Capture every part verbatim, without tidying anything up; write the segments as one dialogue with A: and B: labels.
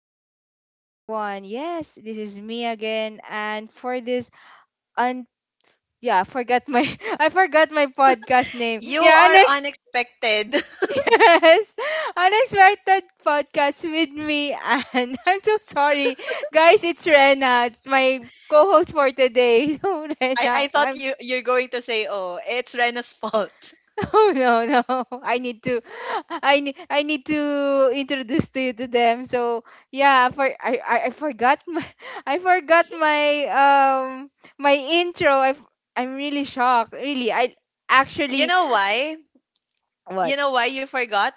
A: evening to everyone. Yes, this is me again, and for this un yeah, I forgot my I forgot my podcast name.
B: You
A: Yeah,
B: are
A: next
B: unexpected.
A: yes, unexpected podcast with me, and I'm so sorry, guys. It's Rena. It's my co-host for today. So
B: I,
A: Rena,
B: I thought
A: I'm
B: you you're going to say, "Oh, it's Rena's fault."
A: Oh no, no. I need to I need I need to introduce to you to them. So yeah, for I, I, I forgot my I forgot my um my intro. I f- I'm really shocked. Really, I
B: You
A: actually
B: know why?
A: what?
B: You know why you forgot?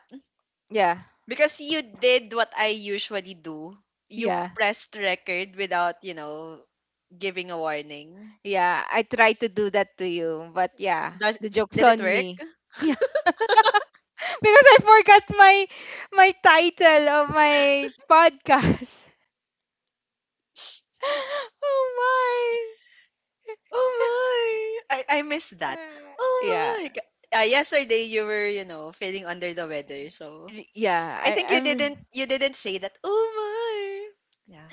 A: Yeah,
B: Because you did what I usually do. You
A: yeah,
B: pressed record without, you know, giving a warning.
A: yeah. I tried to do that to you, but yeah,
B: Does
A: the joke's
B: Did it
A: on
B: work?
A: me. Yeah, because I forgot my my title of my podcast. Oh my.
B: Oh my. I I missed that.
A: Uh,
B: Oh
A: Yeah.
B: my. K- Uh, yesterday you were, you know, feeling under the weather, so
A: re- yeah
B: I think
A: i
B: you
A: i'm
B: didn't you didn't say that. Oh my. Yeah.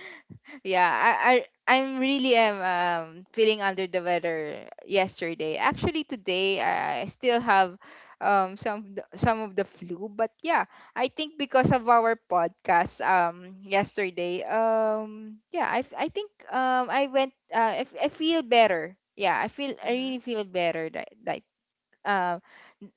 A: yeah i, I I'm really am um feeling under the weather yesterday. Actually today I I still have um some th- some of the flu, but yeah, I think because of our podcast um yesterday um yeah, I f- I think um I went uh I, f- I feel better. Yeah, I feel I
B: Mm-hmm.
A: really feel better that like uh,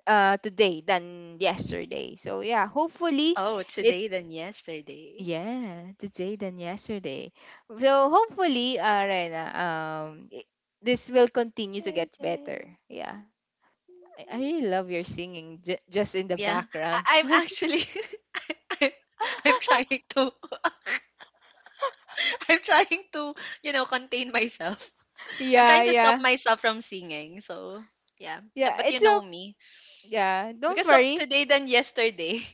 A: uh today than yesterday. So yeah, hopefully
B: Oh,
A: it.
B: today than yesterday.
A: Yeah, today than yesterday. So hopefully, uh, Rena, um, i- this will continue to get better.
B: Today.
A: Yeah, I, I really love your singing j- just in the
B: Yeah, I-
A: background.
B: I'm actually, I- I'm trying to, I'm trying to, you know, contain myself. I'm
A: Yeah,
B: trying to stop
A: yeah,
B: myself from singing. So yeah. Uh,
A: yeah.
B: but you
A: It's
B: know
A: okay.
B: me,
A: Yeah, don't
B: because of
A: worry.
B: today than yesterday.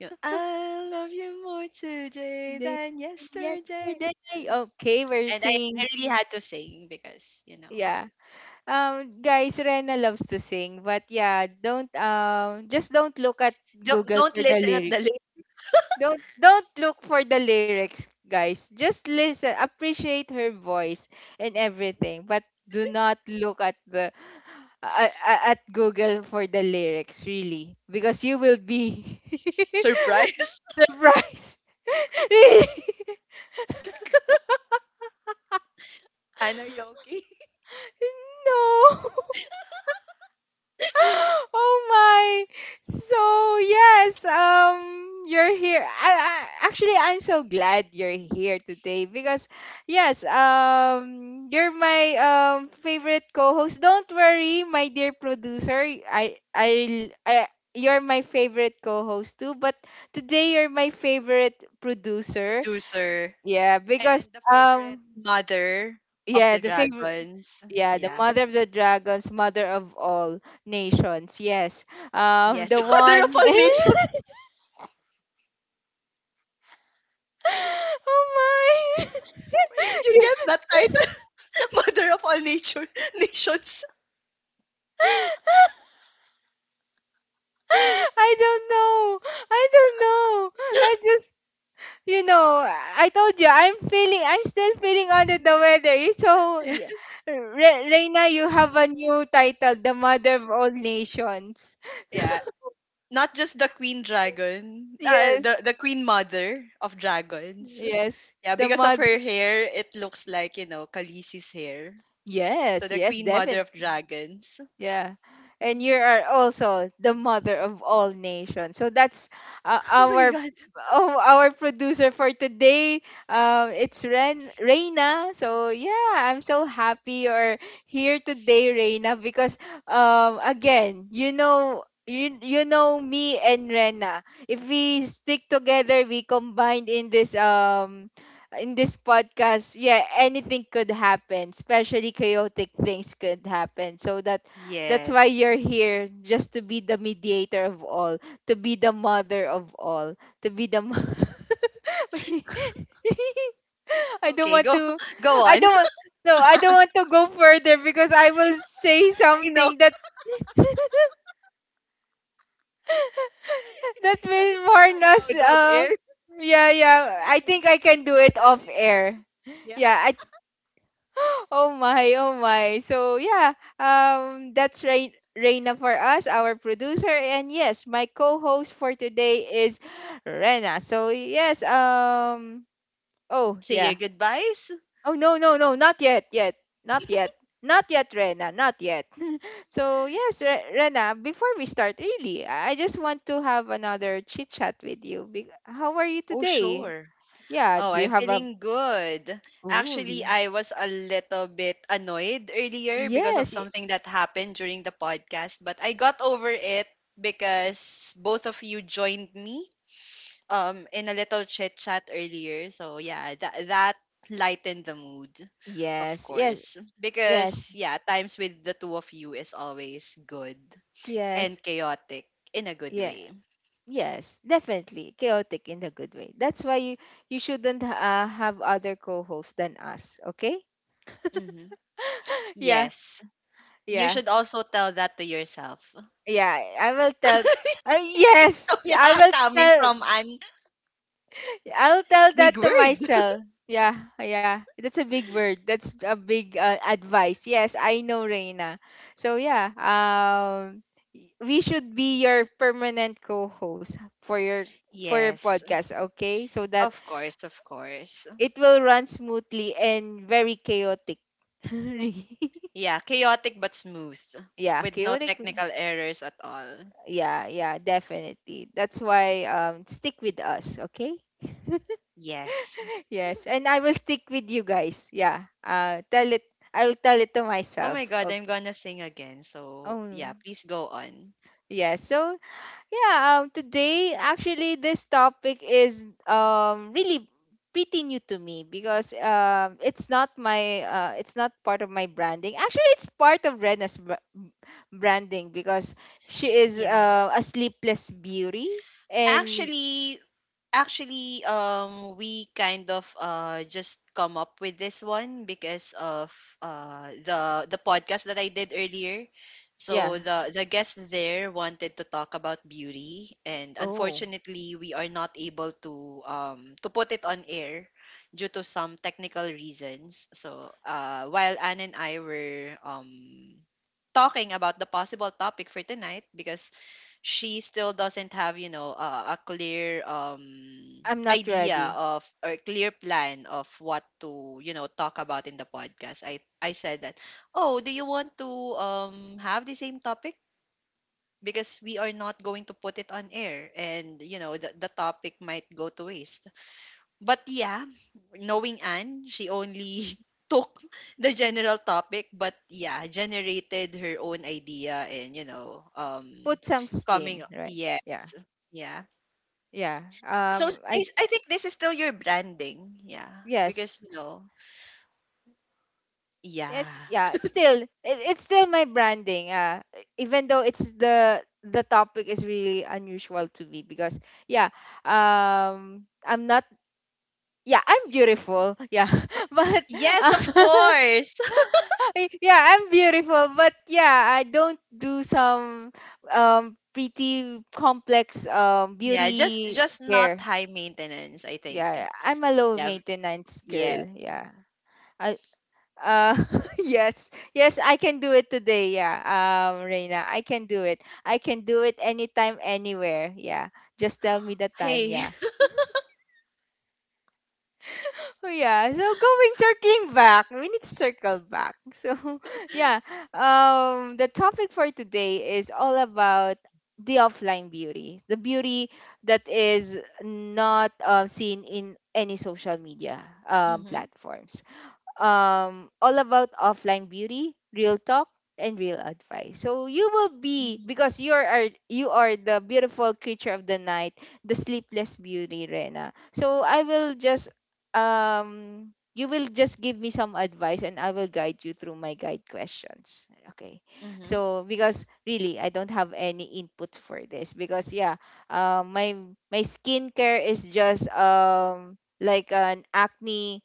B: You know, I love you more today
A: They
B: than yesterday.
A: yesterday. Okay, we're
B: And I,
A: singing.
B: I really had to sing because, you know,
A: Yeah. Um, guys, Rena loves to sing, but yeah, don't um, just don't look at
B: don't
A: Google
B: don't
A: for the
B: listen at the
A: lyrics.
B: late
A: Don't don't look for the lyrics, guys. Just listen, appreciate her voice and everything, but do not look at the uh, at Google for the lyrics, really, because you will be
B: surprise.
A: surprised. Really.
B: Anna Yoki
A: No. Oh my. So yes, um you're here. I, I, actually I'm so glad you're here today because yes, um you're my um favorite co-host. Don't worry, my dear producer. I I, I you're my favorite co-host too, but today you're my favorite producer.
B: producer.
A: Yeah, because
B: And the favorite
A: um
B: mother of
A: yeah,
B: the
A: the favorite
B: dragons.
A: yeah, the
B: Yeah.
A: mother of the dragons, mother of all nations. Yes. Um,
B: Yes,
A: the
B: mother
A: one.
B: of all nations.
A: Oh my.
B: Where did you
A: You-
B: get that title? Mother of all nature nations.
A: I don't know. I don't know. I just, you know, I told you, I'm feeling, I'm still feeling under the weather. You're so, y- Re- Reina, you have a new title, the Mother of All Nations.
B: Yeah. Not just the queen dragon, uh, the
A: Yes.
B: the queen mother of dragons.
A: Yes.
B: Yeah,
A: The
B: because of
A: mother.
B: her hair, it looks like, you know, Khaleesi's hair. So
A: Yes.
B: the
A: Yes.
B: queen mother
A: Definitely.
B: of dragons.
A: Yeah. And you
B: Mhm.
A: are also the mother of all nations. So that's uh,
B: Oh my
A: our
B: god.
A: oh, our producer for today. Uh, it's Ren Reina. So yeah, I'm so happy you're here today, Reina, because um again, you know you, you know me and Rena. If we stick together, we combined in this um in this podcast, yeah, anything could happen, especially chaotic things could happen. So that that's why
B: Yes.
A: you're here, just to be the mediator of all, to be the mother of all, to be the. Mo- I don't
B: Okay,
A: want
B: go
A: to.
B: go
A: I
B: on.
A: don't. Want- No, I don't want to go further because I will say
B: I know
A: something that that
B: that is
A: will
B: not
A: warn us.
B: allowed on
A: Uh,
B: air.
A: yeah,
B: The
A: yeah.
B: other
A: I
B: thing
A: think
B: that
A: I can
B: has
A: do it
B: mother
A: off
B: in it.
A: air.
B: Yeah.
A: Yeah, I oh my, oh my. So yeah, um, that's Rain Reina for us, our producer, and yes, my co-host for today is Rena. So yes, um, oh
B: Say your
A: yeah.
B: goodbyes?
A: Oh no, no, no, not yet, yet, not yet, not yet, Rena, not yet. So yes, Re- Rena, before we start, really, I I just want to have another chit chat with you. Be- How are you
B: Oh,
A: today?
B: sure.
A: Yeah,
B: Oh,
A: do you
B: I'm
A: have a?
B: feeling good.
A: Ooh,
B: Actually,
A: Rin-
B: I was a little bit annoyed earlier because of
A: yes, y-
B: something that happened during the podcast, but I got over it because both of you joined me um in a little chit chat earlier. So yeah, that that lightened the mood, of
A: yes, yes.
B: course.
A: Yes,
B: Because yeah, times with the two of you is always good. And
A: yes,
B: chaotic in a good
A: yeah,
B: way.
A: yes, definitely chaotic in a good way. That's why you you shouldn't uh, have other co-hosts than us. Okay?
B: Hmm.
A: Yeah,
B: Yes. You
A: yeah,
B: should also tell that to yourself.
A: yeah. I will tell. Uh, yes, I
B: Yeah,
A: will
B: coming
A: tell.
B: from an
A: I'll tell
B: big
A: that to
B: word.
A: myself. Yeah, yeah. That's a big word. That's a big uh, advice. Yes, I know, Reina. So yeah, um, y- we should be your permanent co-host for your for your
B: Yes.
A: podcast. Okay, so that
B: Of course, of course.
A: it will run smoothly and very chaotic. Really?
B: Yeah, chaotic but smooth
A: Yeah,
B: with no
A: chaotic.
B: technical errors at all.
A: Yeah, yeah, definitely. That's why um stick with us, okay?
B: Yes.
A: Yes, and I will stick with you guys. Yeah. Uh tell it I'll tell it to
B: Oh
A: myself.
B: my god, I'm
A: Okay.
B: gonna sing again. So yeah,
A: Oh.
B: please go on.
A: Yeah, so yeah, um, today actually this topic is um really pretty new to me because um it's not my uh it's not part of my branding. Actually, it's part of Rena's br- branding because she is
B: Yeah.
A: uh, a sleepless beauty and
B: Actually, Actually, um, we kind of uh just come up with this one because of uh the the podcast that I did earlier. So
A: yeah.
B: the the guest there wanted to talk about beauty, and
A: Oh,
B: unfortunately, we are not able to um to put it on air due to some technical reasons. So uh, while Anne and I were um talking about the possible topic for tonight because she still doesn't have, you know, uh, a clear um
A: I'm not
B: idea
A: ready.
B: of or clear plan of what to, you know, talk about in the podcast, i i said that, "Oh, do you want to um have the same topic because we are not going to put it on air and, you know, the, the topic might go to waste?" But yeah, knowing Anne, she only took the general topic, but yeah, generated her own idea, and you know, um
A: Put some
B: coming
A: spin, right?
B: yeah
A: Yeah.
B: yeah.
A: Yeah.
B: So
A: Um
B: s- I,
A: I
B: s- I think this is still your branding. Yeah. Because
A: yes,
B: you know. Yeah.
A: yes, yeah. It's still it, it's still my branding. Uh, even though it's the the topic is really unusual to me because yeah, um, I'm not. Yeah, I'm beautiful. Yeah, but
B: Yes,
A: uh,
B: of course.
A: yeah, I'm beautiful. But yeah, I don't do some um pretty complex um
B: Yeah, just
A: beauty
B: just not
A: care.
B: high maintenance, I think.
A: Yeah, I'm a low
B: Yeah. v-
A: maintenance
B: Yeah.
A: girl. Yeah. I, Uh, yes, yes, I can do it today. Yeah, um, Reina, I can do it. I can do it anytime, anywhere. Yeah, just tell me the time.
B: Hey.
A: Yeah. Oh yeah. So going circling back, we need to circle back. So yeah, um, the topic for today is all about the offline beauty, the beauty that is not uh, seen in any social media um,
B: Mm-hmm.
A: platforms. Um, all about offline beauty, real talk, and real advice. So you will be because you are you are the beautiful creature of the night, the sleepless beauty, Rena. So I will just um you will just give me some advice and I will guide you through my guide questions. Okay.
B: Mm-hmm.
A: So because really I don't have any input for this because yeah, uh, my my skincare is just um like an acne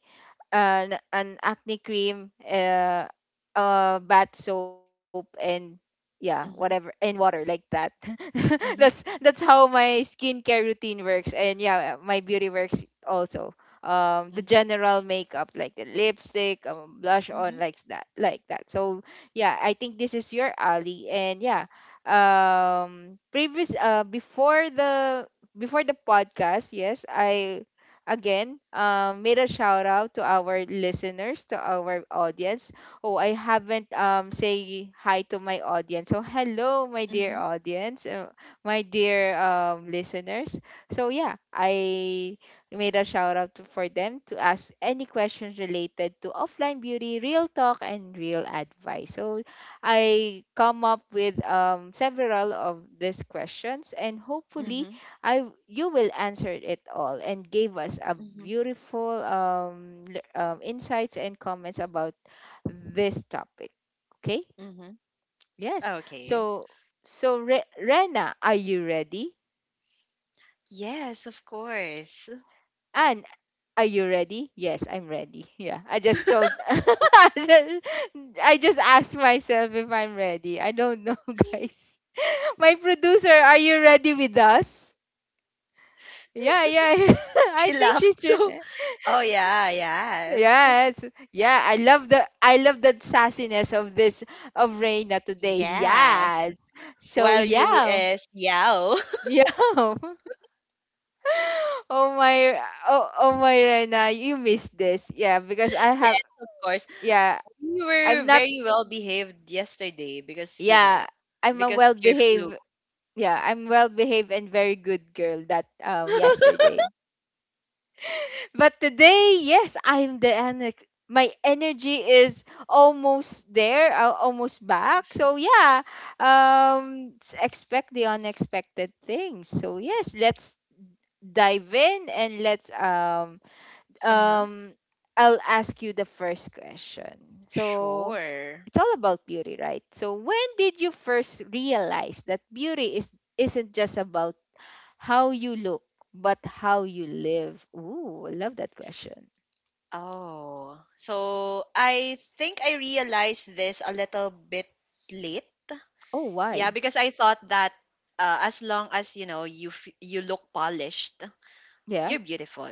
A: an an acne cream, uh, uh, bath soap, and yeah, whatever,
B: Mm-hmm.
A: and water like that. that's
B: Mm-hmm.
A: that's how my skincare routine works, and yeah, my beauty works also. Um, the
B: Mm-hmm.
A: general makeup, like the lipstick, um, blush on,
B: Mm-hmm.
A: like that, like that. So yeah, I think this is your alley, and yeah, um, previous, uh, before the before the podcast, yes, I again, um, made a shout out to our listeners, to our audience. Oh, I haven't um, say hi to my audience. So hello, my dear
B: Mm-hmm.
A: audience, uh, my dear um, listeners. So yeah, I made a shout out to, for them to ask any questions related to offline beauty, real talk, and real advice. So I come up with um, several of these questions, and hopefully
B: Mm-hmm.
A: I you will answer it all and gave us a
B: Mm-hmm.
A: beautiful um, l- um insights and comments about this topic. Okay?
B: Mm-hmm.
A: Yes.
B: Okay.
A: So so Re- Rena, are you ready?
B: Yes, of course.
A: And are you ready? Yes, I'm ready. Yeah, I just told. I just I just asked myself if I'm ready. I don't know, guys. My producer, are you ready with us? Yeah, yeah. I
B: She
A: think
B: laughed
A: she's. Re-
B: so, oh yeah, yes,
A: Yes. Yeah, I love the I love the sassiness of this of Reina today.
B: yes,
A: Yes. So
B: while you
A: yeah.
B: is yao.
A: Yeah. Oh my oh, oh my Reina, you missed this. Yeah, because I have
B: Yeah, of course.
A: yeah,
B: We were
A: I'm not
B: very well behaved yesterday because you
A: yeah,
B: know.
A: I'm a
B: Because
A: well
B: of your flu.
A: behaved yeah, I'm well behaved and very good girl that um yesterday. But today, yes, I'm the annex. My energy is almost there, al- almost back. So yeah, um, s- expect the unexpected things. So yes, let's dive in and let's um
B: Uh-huh.
A: um I'll ask you the first question. So
B: Sure.
A: it's all about beauty, right? So when did you first realize that beauty is isn't just about how you look, but how you live? Ooh, I love that question.
B: Oh so, I think I realized this a little bit late.
A: Oh,
B: Yeah,
A: why?
B: because I thought that, uh, as long as, you know, you f- you look polished,
A: Yeah.
B: you're beautiful.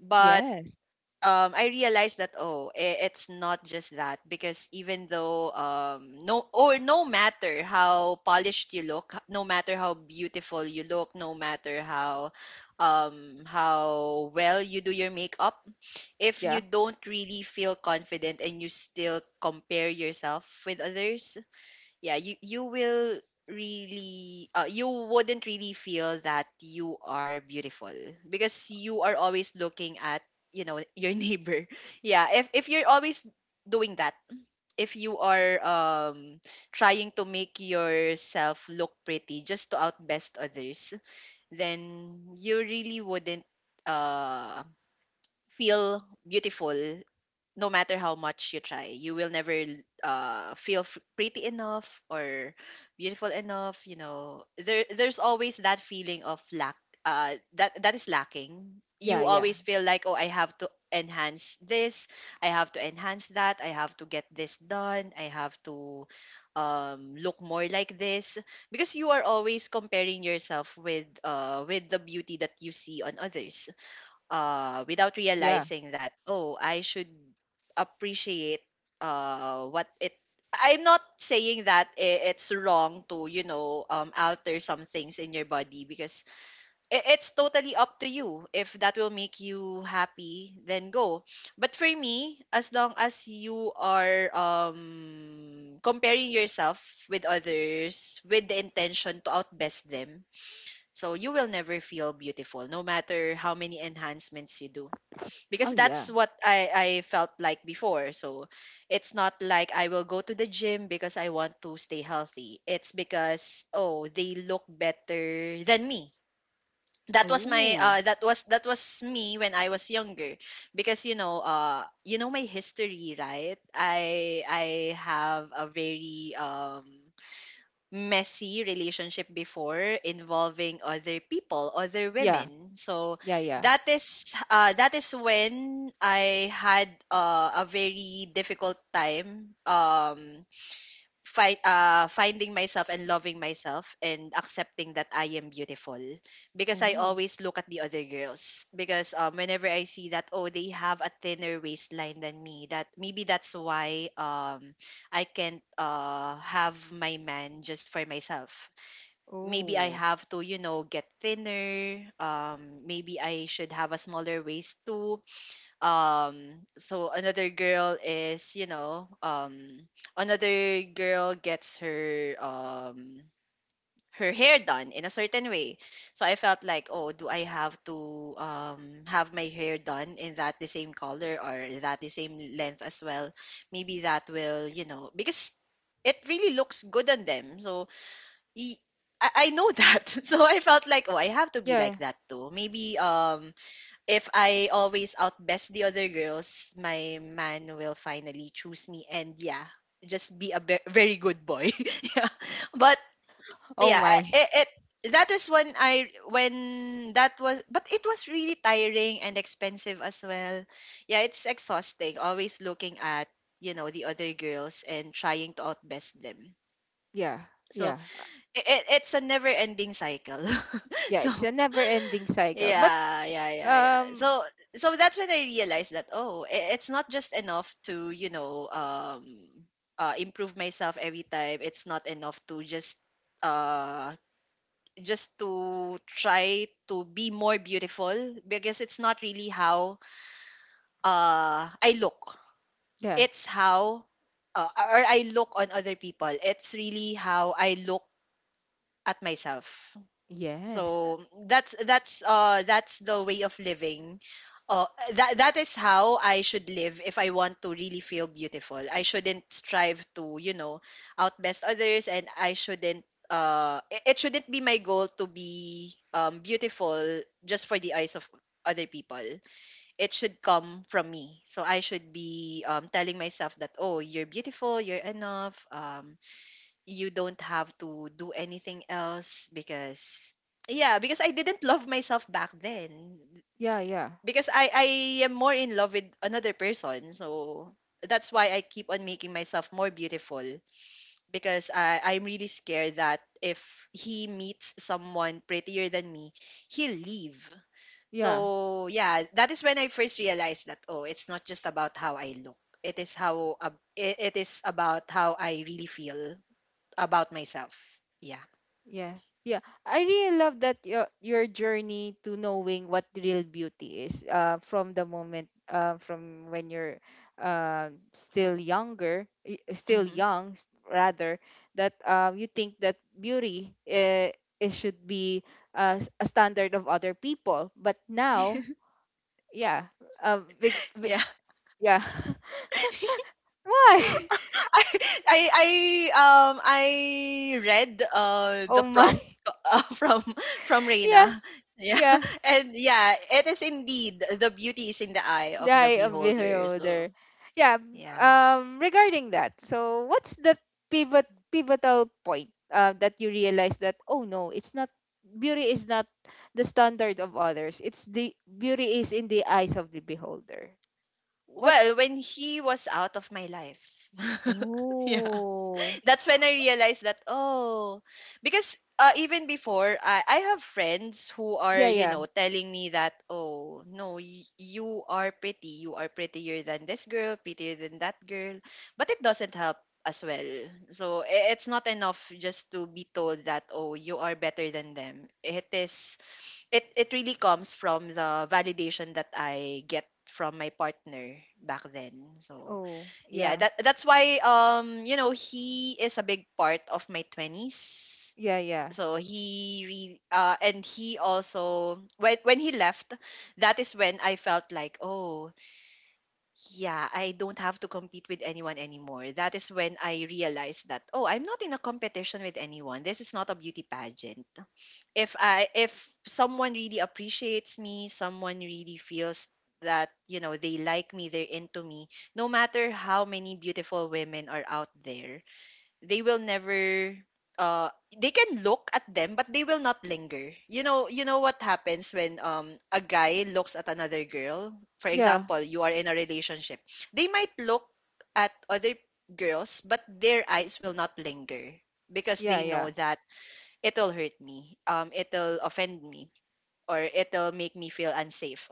B: But
A: Yes.
B: um, I realized that, oh, i- it's not just that, because even though, um, no or no matter how polished you look, no matter how beautiful you look, no matter how um how well you do your makeup, if you
A: Yeah.
B: don't really feel confident and you still compare yourself with others, yeah, you you will really, uh, you wouldn't really feel that you are beautiful because you are always looking at, you know, your neighbor. Yeah, if if you're always doing that, if you are um trying to make yourself look pretty just to outbest others, then you really wouldn't uh feel beautiful, no matter how much you try. You will never l- uh, feel f- pretty enough or beautiful enough. You know, there there's always that feeling of lack. Uh, that that is lacking.
A: Yeah.
B: You
A: Yeah.
B: always feel like, oh, I have to enhance this. I have to enhance that. I have to get this done. I have to um, look more like this because you are always comparing yourself with, uh, with the beauty that you see on others, uh, without
A: Yeah.
B: realizing that, oh, I should appreciate uh, what it. I'm not saying that i- it's wrong to, you know, um, alter some things in your body because i- it's totally up to you. If that will make you happy, then go. But for me, as long as you are um, comparing yourself with others with the intention to outbest them, so you will never feel beautiful, no matter how many enhancements you do, because
A: Oh, yeah.
B: that's what I I felt like before. So it's not like I will go to the gym because I want to stay healthy. It's because, oh, they look better than me. That was my
A: Oh,
B: uh that was that was me when I was younger, because you know, uh you know my history, right? I I have a very um messy relationship before involving other people, other
A: yeah.
B: women. So
A: Yeah. Yeah.
B: that is uh, that is when I had, uh, a very difficult time. Um, fight uh finding myself and loving myself and accepting that I am beautiful, because I
A: Oh,
B: always look at the other girls, because um whenever I see that, oh, they have a thinner waistline than me, that maybe that's why um I can't uh have my man just for myself. Maybe I
A: oh,
B: have to, you know, get thinner. um maybe I should have a smaller waist too. um so another girl is, you know, um another girl gets her um her hair done in a certain way. So I felt like, oh, do I have to um have my hair done in that the same color or that the same length as well? Maybe that will, you know, because it really looks good on them. So y- I I know that. So I felt like, oh, I have to be
A: yeah.
B: like that too. Maybe um if I always outbest the other girls, my man will finally choose me and yeah, just be a be- very good boy. Yeah. But
A: Oh,
B: yeah, I-
A: my.
B: it, it that was when I when that was, but it was really tiring and expensive as well. Yeah, it's exhausting always looking at, you know, the other girls and trying to outbest them.
A: Yeah.
B: So
A: Yeah. Uh,
B: it, it's a never ending cycle.
A: Yeah.
B: So
A: It's a never-ending cycle. But
B: yeah, yeah, yeah, yeah.
A: um,
B: So so that's when I realized that, oh, i- it's not just enough to, you know, um uh improve myself every time. It's not enough to just uh just to try to be more beautiful, because it's not really how uh I look.
A: yeah.
B: It's how, uh, or I look on other people. It's really how I look at myself.
A: Yes. Uh,
B: So that's that's uh that's the way of living. uh that that is how I should live. If I want to really feel beautiful, I shouldn't strive to, you know, outbest others, and I shouldn't, uh it, it shouldn't be my goal to be um beautiful just for the eyes of other people. It should come from me. So I should be um telling myself that, oh, you're beautiful, you're enough. um you don't have to do anything else, because yeah, because I didn't love myself back then,
A: yeah. Yeah.
B: because i i am more in love with another person. So that's why I keep on making myself more beautiful, because i i'm really scared that if he meets someone prettier than me, he'll leave.
A: Yeah.
B: So yeah, that is when I first realized that, oh, it's not just about how I look, it is how, uh, it it is about how I really feel about myself. Yeah.
A: Yeah. Yeah. I really love that your your journey to knowing what real beauty is uh from the moment uh from when you're uh still younger, y- still
B: Mhm.
A: young s- rather that um you think that beauty uh, it should be uh, s- a standard of other people, but now yeah, um big, big
B: Yeah.
A: yeah. Why?
B: I I I um I read uh
A: Oh
B: the
A: my.
B: prompt, uh, from from
A: Yeah,
B: Reina. Yeah.
A: yeah.
B: And yeah, it is indeed the beauty is in the eye
A: The
B: of the
A: eye of
B: beholder. So,
A: beholder. Yeah.
B: yeah.
A: Um. Regarding that, so what's the pivot pivotal point uh, that you realize that oh no, it's not beauty is not the standard of others. It's the beauty is in the eyes of the beholder. What?
B: Well, when he was out of my life. Yeah.
A: Oh.
B: That's when I realized that, oh, because uh, even before, I I have friends who are,
A: Yeah.
B: you
A: Yeah.
B: know telling me that, "Oh no, y- you are pretty, you are prettier than this girl, prettier than that girl," but it doesn't help as well. So i- it's not enough just to be told that, "Oh, you are better than them." It is, it it really comes from the validation that I get from my partner back then. So
A: Oh.
B: yeah,
A: Yeah.
B: that that's why, um you know, he is a big part of my twenties.
A: Yeah. Yeah.
B: So he re- uh and he also, when when he left, that is when I felt like, "Oh yeah, I don't have to compete with anyone anymore." That is when I realized that, oh, I'm not in a competition with anyone. This is not a beauty pageant. If I if someone really appreciates me, someone really feels that, you know, they like me, they're into me, no matter how many beautiful women are out there, they will never, uh they can look at them, but they will not linger. You know you know what happens when, um a guy looks at another girl, for
A: Yeah.
B: example, you are in a relationship? They might look at other girls, but their eyes will not linger, because they know
A: Yeah.
B: that it'll hurt me, um it'll offend me, or it'll make me feel unsafe.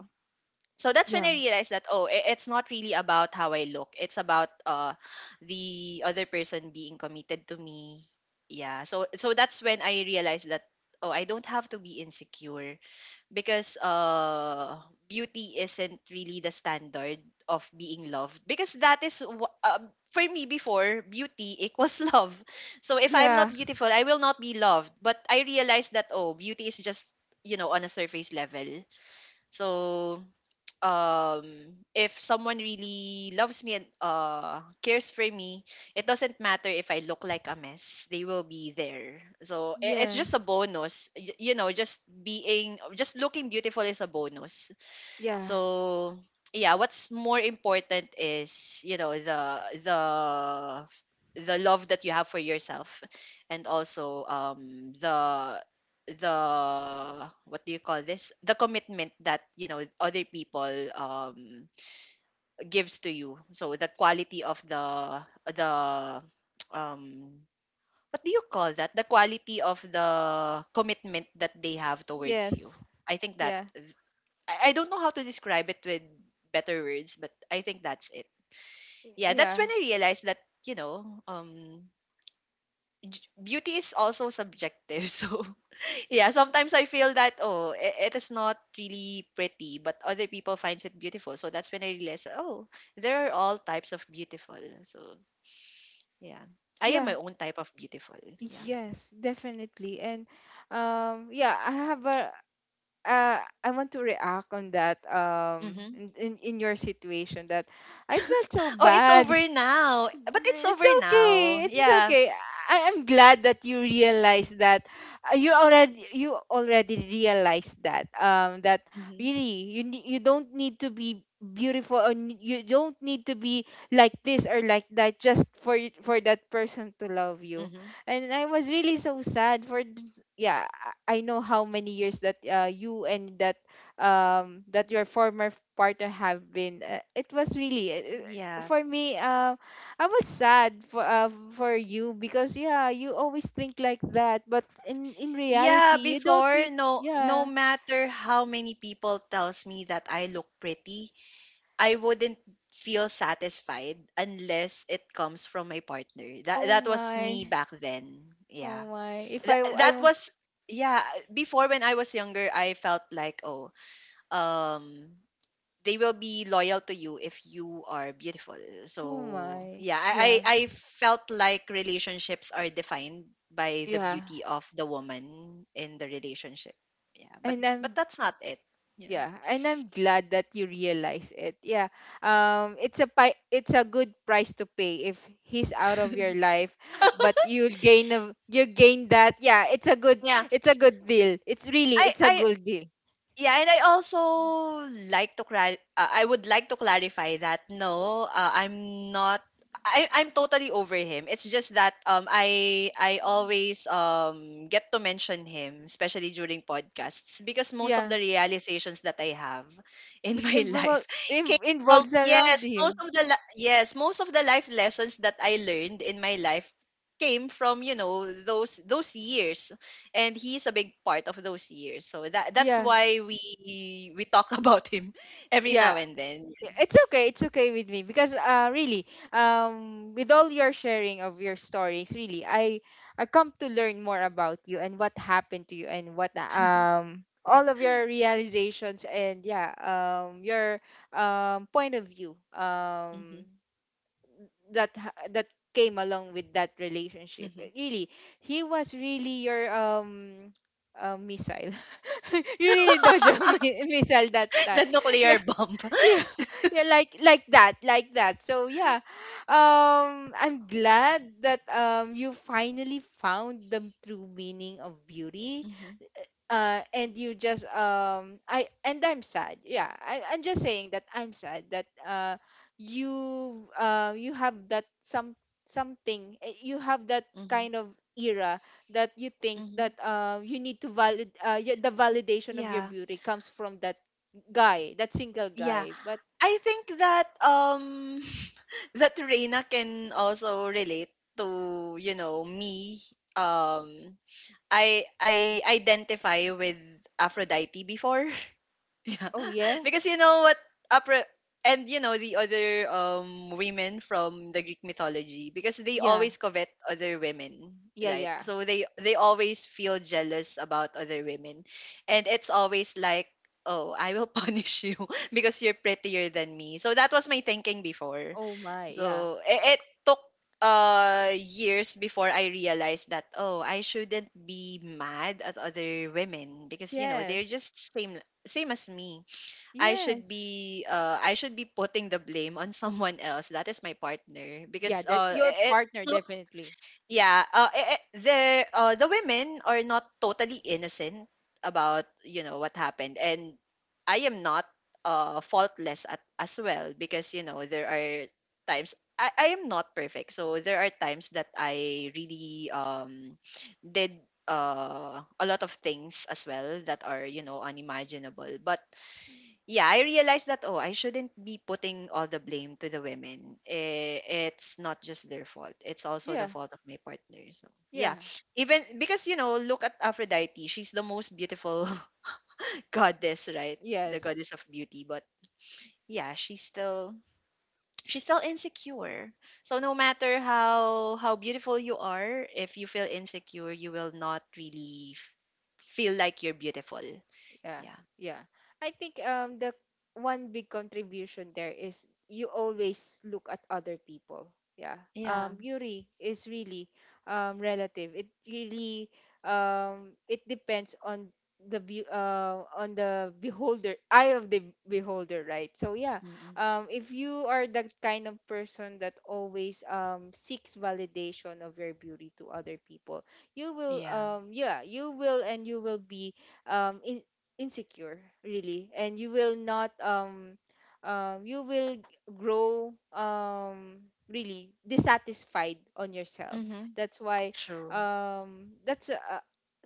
B: So that's when
A: Yeah.
B: I realized that, oh, i- it's not really about how I look. It's about, uh the other person being committed to me. Yeah. So so that's when I realized that, oh, I don't have to be insecure, because uh beauty isn't really the standard of being loved, because that is wh- uh, for me before, beauty equals love. So if I'm
A: Yeah.
B: not
A: Yeah.
B: beautiful, I will not be loved. But I realized that, oh, beauty is just, you know, on a surface level. So, um if someone really loves me and, uh cares for me, it doesn't matter if I look like a mess, they will be there. So i- it's just a
A: Yes.
B: bonus. Y- you know just being, just looking beautiful is a bonus.
A: Yeah.
B: So yeah, what's more important is, you know, the the the love that you have for yourself, and also, um the the, what do you call this, the commitment that, you know, other people, um gives to you. So the quality of the the um what do you call that, the quality of the commitment that they have towards you.
A: Yes.
B: I think that,
A: Yeah.
B: I, I don't know how to describe it with better words, but I think that's it. Yeah, that's
A: Yeah.
B: when I realized that, you know, um j- beauty is also subjective. So yeah, sometimes I feel that, oh, i- it is not really pretty, but other people finds it beautiful. So that's when I realized, oh, there are all types of beautiful. So, yeah. I am my
A: Yeah.
B: own type of beautiful. Yeah.
A: Yes, definitely. And um yeah, I have a uh, I want to react on that um
B: Mhm.
A: in, in in your situation that I felt so
B: Oh, it's over
A: bad
B: now. But it's
A: it's
B: over now.
A: okay. It's
B: Yeah.
A: okay. I am glad that you realize that uh, you already you already realized that um that
B: Mhm.
A: really you ne- you don't need to be beautiful or n- you don't need to be like this or like that just for y- for that person to love you.
B: Mhm.
A: And I was really so sad for this- yeah, I I know how many years that uh, you and that um that your former partner have been. Uh, it was really uh, uh,
B: Yeah.
A: for me, um I was sad for uh, for you because yeah, you always think like that, but in in
B: Yeah,
A: reality, you don't
B: before,
A: need
B: no, no
A: yeah.
B: matter how many people tells me that I look pretty, I wouldn't feel satisfied unless it comes from my partner. That
A: Oh
B: that was me
A: my.
B: back then. Yeah.
A: Oh my. If I
B: That,
A: w- I
B: that
A: w-
B: was, yeah, before when I was younger, I felt like, oh, um they will be loyal to you if you are beautiful.
A: oh
B: So
A: my.
B: yeah, I
A: Yeah.
B: I, I felt like relationships are defined by the
A: Yeah.
B: beauty of the woman in the relationship. Yeah, but
A: And
B: but
A: I'm
B: that's not it. Yeah.
A: yeah, and I'm glad that you realize it. Yeah. Um it's a pi- it's a good price to pay if he's out of your life, but you'll gain a, you gain that. Yeah, it's a good
B: Yeah.
A: it's a good deal. It's really
B: I
A: it's a
B: I
A: good deal.
B: Yeah, and I also like to clar- uh, I would like to clarify that, no, uh, I'm not, I I'm totally over him. It's just that, um I I always, um get to mention him, especially during podcasts, because most of
A: Yeah.
B: the realizations that I have in
A: Bec-
B: my
A: invol-
B: life came
A: in-
B: from,
A: involves around
B: yes, most
A: him.
B: of the li- yes, most of the life lessons that I learned in my life came from, you know, those those years, and he's a big part of those years. So that that's
A: Yeah.
B: why we we talk about him every now
A: Yeah.
B: and then.
A: It's okay. It's okay with me because uh really um with all your sharing of your stories, really I I come to learn more about you and what happened to you and what um all of your realizations and yeah um your um point of view
B: Hmm.
A: um that ha- that came along with that relationship.
B: Hmm.
A: Uh, Really, he was really your um uh, missile. You really dodge a mi- missile that time.
B: The nuclear
A: Yeah,
B: bomb.
A: yeah, yeah, like like that, like that. So yeah, um, I'm glad that um you finally found the true meaning of beauty
B: Hmm.
A: uh and you just um i and I'm sad yeah I, I'm just saying that I'm sad that uh you uh you have that some something eh, you have that
B: Hmm.
A: kind of era that you think
B: Hmm.
A: that uh you need to valid uh y- the validation of your
B: Yeah.
A: beauty comes from that guy, that single
B: Yeah.
A: guy. But
B: I think that, um that Reina can also relate to, you know, me. Um I I identify with Aphrodite before. Yeah,
A: oh yeah,
B: because you know what, opera, and you know the other, um women from the Greek mythology, because they
A: yeah,
B: always covet other women,
A: yeah,
B: right?
A: yeah,
B: So they they always feel jealous about other women, and it's always like, oh, I will punish you because you're prettier than me. So that was my thinking before.
A: oh my, yeah,
B: So it, it took, uh years before I realized that, oh, I shouldn't be mad at other women, because you know they're
A: yes,
B: just same, same as me. I should
A: yes,
B: be, uh I should be putting the blame on someone else. That is my partner,
A: yeah,
B: because
A: that
B: uh
A: your
B: i- it's
A: partner
B: not,
A: definitely.
B: yeah, uh i- i- the, uh the women are not totally innocent about, you know, what happened, and I am not, uh faultless at, as well, because, you know, there are times I, I am not perfect. So there are times that I really, um did, uh a lot of things as well that are, you know, unimaginable. But yeah, I realized that, oh, I shouldn't be putting all the blame to the women. Eh, it's not just their fault. It's also the
A: Yeah,
B: fault of my partner. So yeah,
A: yeah,
B: even because, you know, look at Aphrodite. She's the most beautiful goddess, right? The
A: yes.
B: goddess of beauty. But yeah, she's still she's still insecure. So no matter how how beautiful you are, if you feel insecure, you will not really f- feel like you're beautiful.
A: Yeah,
B: Yeah.
A: yeah. I think um the one big contribution there is you always look at other people. Yeah.
B: Yeah.
A: Um beauty is really um relative. It really um it depends on the be- uh, on the beholder, eye of the beholder, right? So yeah,
B: Mm.
A: um if you are the kind of person that always um seeks validation of your beauty to other people, you will
B: Yeah.
A: um yeah, you will, and you will be um in, insecure, really, and you will not um um you will grow um really dissatisfied on yourself.
B: Mm-hmm.
A: That's why
B: True.
A: um that's uh,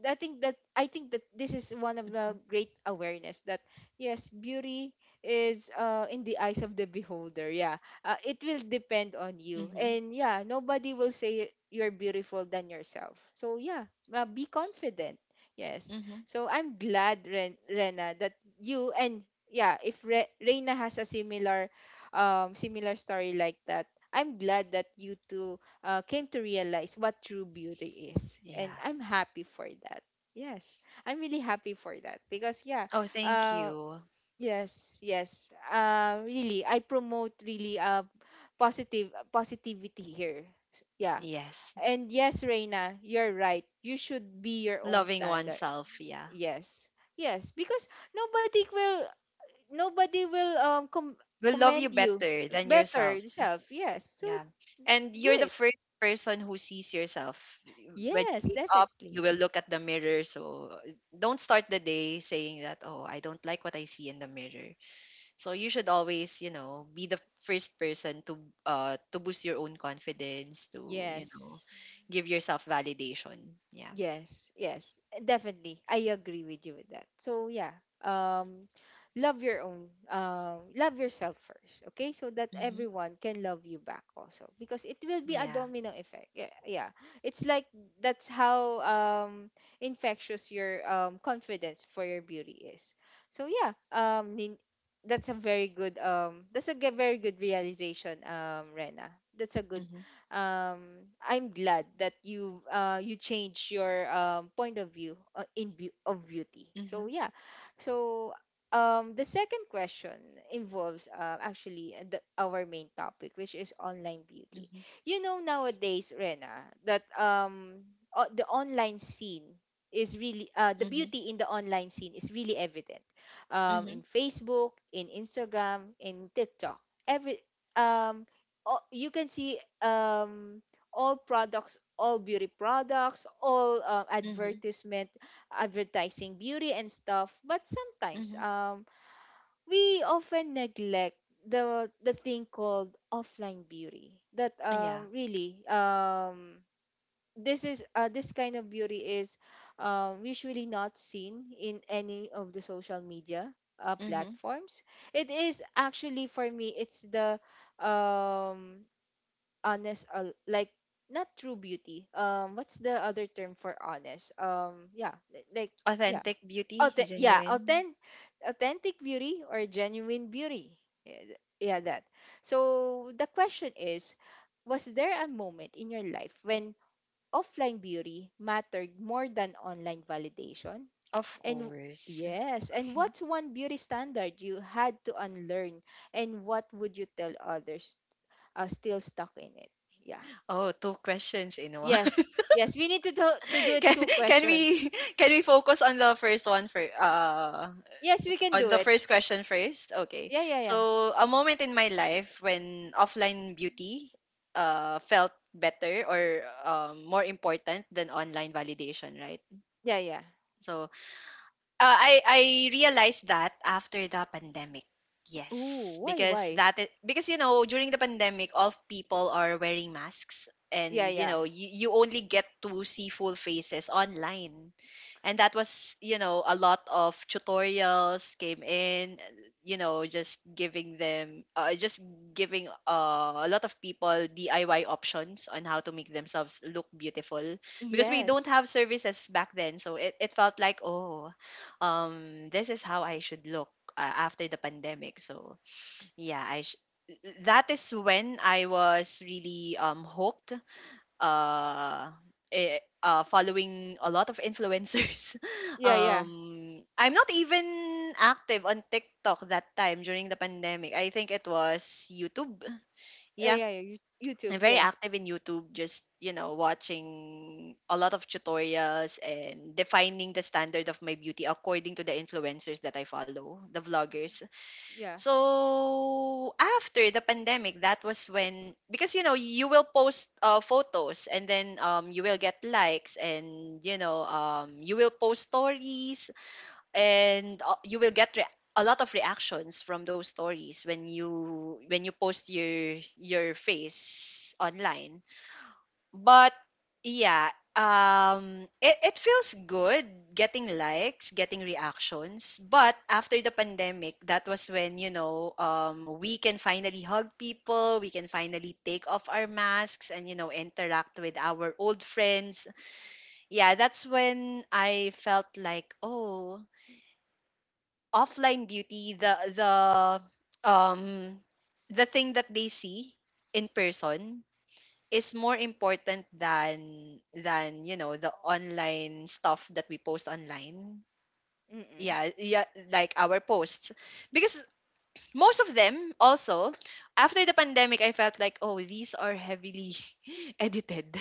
A: I think that, I think that this is one of the
B: Mm-hmm.
A: great awareness that yes, beauty is uh in the eyes of the beholder. Yeah, uh, it will depend on you, and yeah, nobody will say you're beautiful than yourself. So yeah, uh, be confident, yes.
B: Mm-hmm.
A: So I'm glad, Ren- Rena, that you and yeah, if Re- Reina has a similar, um, similar story like that, I'm glad that you two uh, came to realize what true beauty is, and
B: Yeah.
A: I'm happy for that. Yes, I'm really happy for that because yeah,
B: Oh, thank
A: uh,
B: you.
A: yes, yes, uh, really, I promote really uh, positive positivity here. Yeah,
B: Yes.
A: and yes, Reina, you're right. You should be your own
B: Loving
A: standard.
B: oneself.
A: Y-
B: Yeah.
A: Yes. Yes, because nobody will, nobody will um com-
B: Will love you
A: commend you
B: better than
A: better
B: yourself.
A: yourself. Yes. So
B: Yeah. And
A: do
B: you're the
A: it.
B: first person who sees yourself. When you
A: Yes,
B: wake up, you
A: definitely.
B: will look at the mirror. So, uh, don't start the day saying that, oh, I don't like what I see in the mirror. So you should always, you know, be the first person to, uh to boost your own confidence, to, you know,
A: Yes.
B: give yourself validation. Yeah.
A: Yes, yes, definitely. I agree with you with that. So yeah, um, love your own, um, love yourself first, okay? So that
B: Mm-hmm.
A: everyone can love you back also, because it will be a
B: Yeah.
A: domino effect. Yeah, yeah. It's like that's how um infectious your um confidence for your beauty is. So yeah, um, nin- that's a very good um, that's a ge- very good realization, um, Rena. That's a good um, I'm glad that you uh, you changed your um, point of view uh, in be- of beauty. So
B: Mhm,
A: yeah, so um, the second question involves uh, actually uh, the, our main topic, which is online beauty.
B: mhm,
A: You know nowadays, Rena, that um, o- the online scene is really uh, the
B: mhm,
A: beauty in the online scene is really evident um,
B: mhm,
A: in Facebook, in Instagram, in TikTok. Every um, all, you can see um all products, all beauty products, all uh,
B: mhm,
A: advertisement, advertising beauty and stuff, but sometimes
B: mhm.
A: um we often neglect the the thing called offline beauty, that
B: Yeah.
A: um really um this is uh, this kind of beauty is um, usually not seen in any of the social media uh,
B: Mhm.
A: platforms. It is actually for me it's the um honest, uh, like, not true beauty, um what's the other term for honest, um yeah, li- like, yeah,
B: Authentic beauty,
A: Auth- yeah,
B: genuine.
A: authentic, authentic beauty or genuine beauty, yeah, th- yeah, that. So the question is, was there a moment in your life when offline beauty mattered more than online validation,
B: Of
A: and
B: course.
A: yes, and what's one beauty standard you had to unlearn, and what would you tell others uh, still stuck in it, yeah.
B: Oh, two questions in one.
A: Yes. Yes, we need to do, to do it,
B: Can
A: two
B: can
A: question.
B: we can we focus on the first one for, uh
A: Yes, we can
B: on
A: do
B: the
A: it.
B: first question first? Okay.
A: Yeah, yeah, yeah.
B: So, a moment in my life when offline beauty, uh felt better or, um more important than online validation, right?
A: Yeah, yeah.
B: So, Uh, I I realized that after the pandemic. Yes,
A: Ooh, why
B: because
A: why?
B: that is, because you know during the pandemic, all people are wearing masks,
A: Yeah,
B: and you
A: yeah.
B: know you, you only get to see full faces online, and that was, you know, a lot of tutorials came in, you know, just giving them, uh, just giving, uh, a lot of people D I Y options on how to make themselves look beautiful, because we don't
A: Yes.
B: have services back then. So it, it felt like, oh, um this is how I should look, uh, after the pandemic. So yeah, I sh- that is when I was really, um hooked. Uh. eh, uh, Following a lot of influencers.
A: Yeah, yeah.
B: um, I'm not even active on TikTok that time during the pandemic. I think it was YouTube.
A: Uh,
B: Yeah,
A: yeah, yeah. You-
B: I'm
A: YouTube,
B: very
A: yeah.
B: active in YouTube, just, you know, watching a lot of tutorials and defining the standard of my beauty according to the influencers that I follow, the vloggers.
A: Yeah.
B: So, after the pandemic, that was when, because, you know, you will post, uh, photos, and then, um, you will get likes and, you know, um, you will post stories, and, uh, you will get re- a lot of reactions from those stories when you, when you post your your face online. But yeah, um it, it feels good getting likes, getting reactions. But after the pandemic, that was when, you know, um we can finally hug people, we can finally take off our masks and, you know, interact with our old friends. Yeah, that's when I felt like, oh, offline beauty, the the um the thing that they see in person is more important than than you know the online stuff that we post online.
A: Mm-mm.
B: Yeah, yeah, like our posts, because most of them also, after the pandemic, I felt like, oh, these are heavily edited.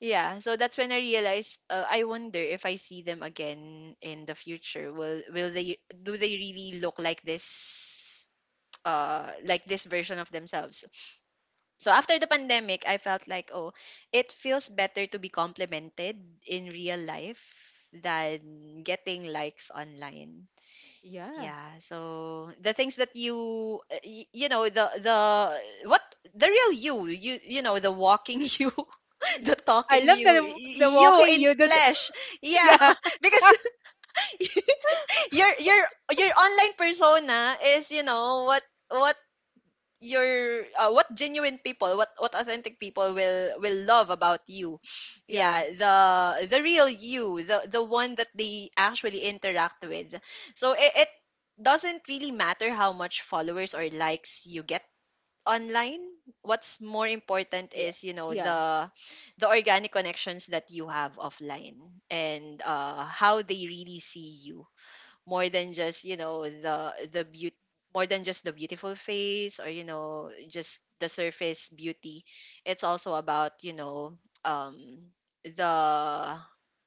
B: Yeah, so that's when I realized, uh, I wonder if I see them again in the future, will will they do they really look like this, uh like this version of themselves? So after the pandemic, I felt like, oh, it feels better to be complimented in real life than getting likes online.
A: Yeah.
B: Yeah, so the things that you, uh, y- you know, the the what the real you, you you know, the walking you,
A: It-
B: the
A: I
B: talking
A: love
B: you,
A: the
B: y-
A: the
B: you
A: walking
B: in
A: you did.
B: flesh. Yeah,
A: Yeah,
B: because your your your online persona is you know what what your uh, what genuine people what what authentic people will will love about you,
A: yeah.
B: yeah, the the real you the the one that they actually interact with. So it, it doesn't really matter how much followers or likes you get online. What's more
A: Yeah.
B: important
A: Yeah.
B: is you know the the organic connections that you have offline and uh how they really see you, more than just you know the the beauty, more than just the beautiful face, or you know just the surface beauty. It's also about you know um the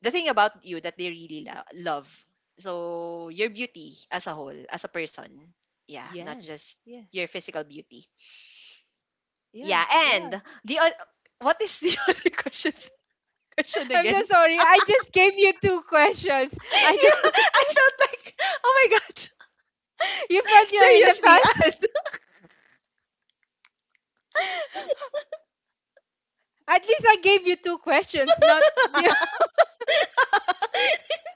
B: the thing about you that they really lo- love. So your beauty as a whole, as a person, yeah, not
A: Yes.
B: just
A: Yeah.
B: your physical beauty.
A: Yeah.
B: Yeah. And
A: Yeah.
B: the oth- what is the other questions question
A: I'm so
B: again?
A: sorry. I just gave you two questions. I
B: Yeah,
A: don't.
B: I felt like, oh my god.
A: You felt you're in the
B: Seriously,
A: past.
B: Anne.
A: At least I gave you two questions, not.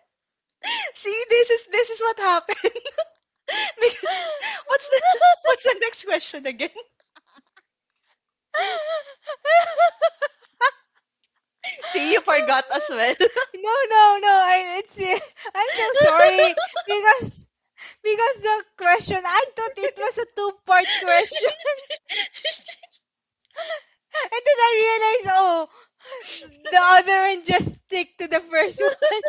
B: See, this is this is what happened. Because what's the what's the next question again?
A: Yeah.
B: See, you forgot as well.
A: No, no, no. I, it's I'm so sorry because because the question, I thought it was a two-part question, and then I realized oh, the other one just stick to the first one.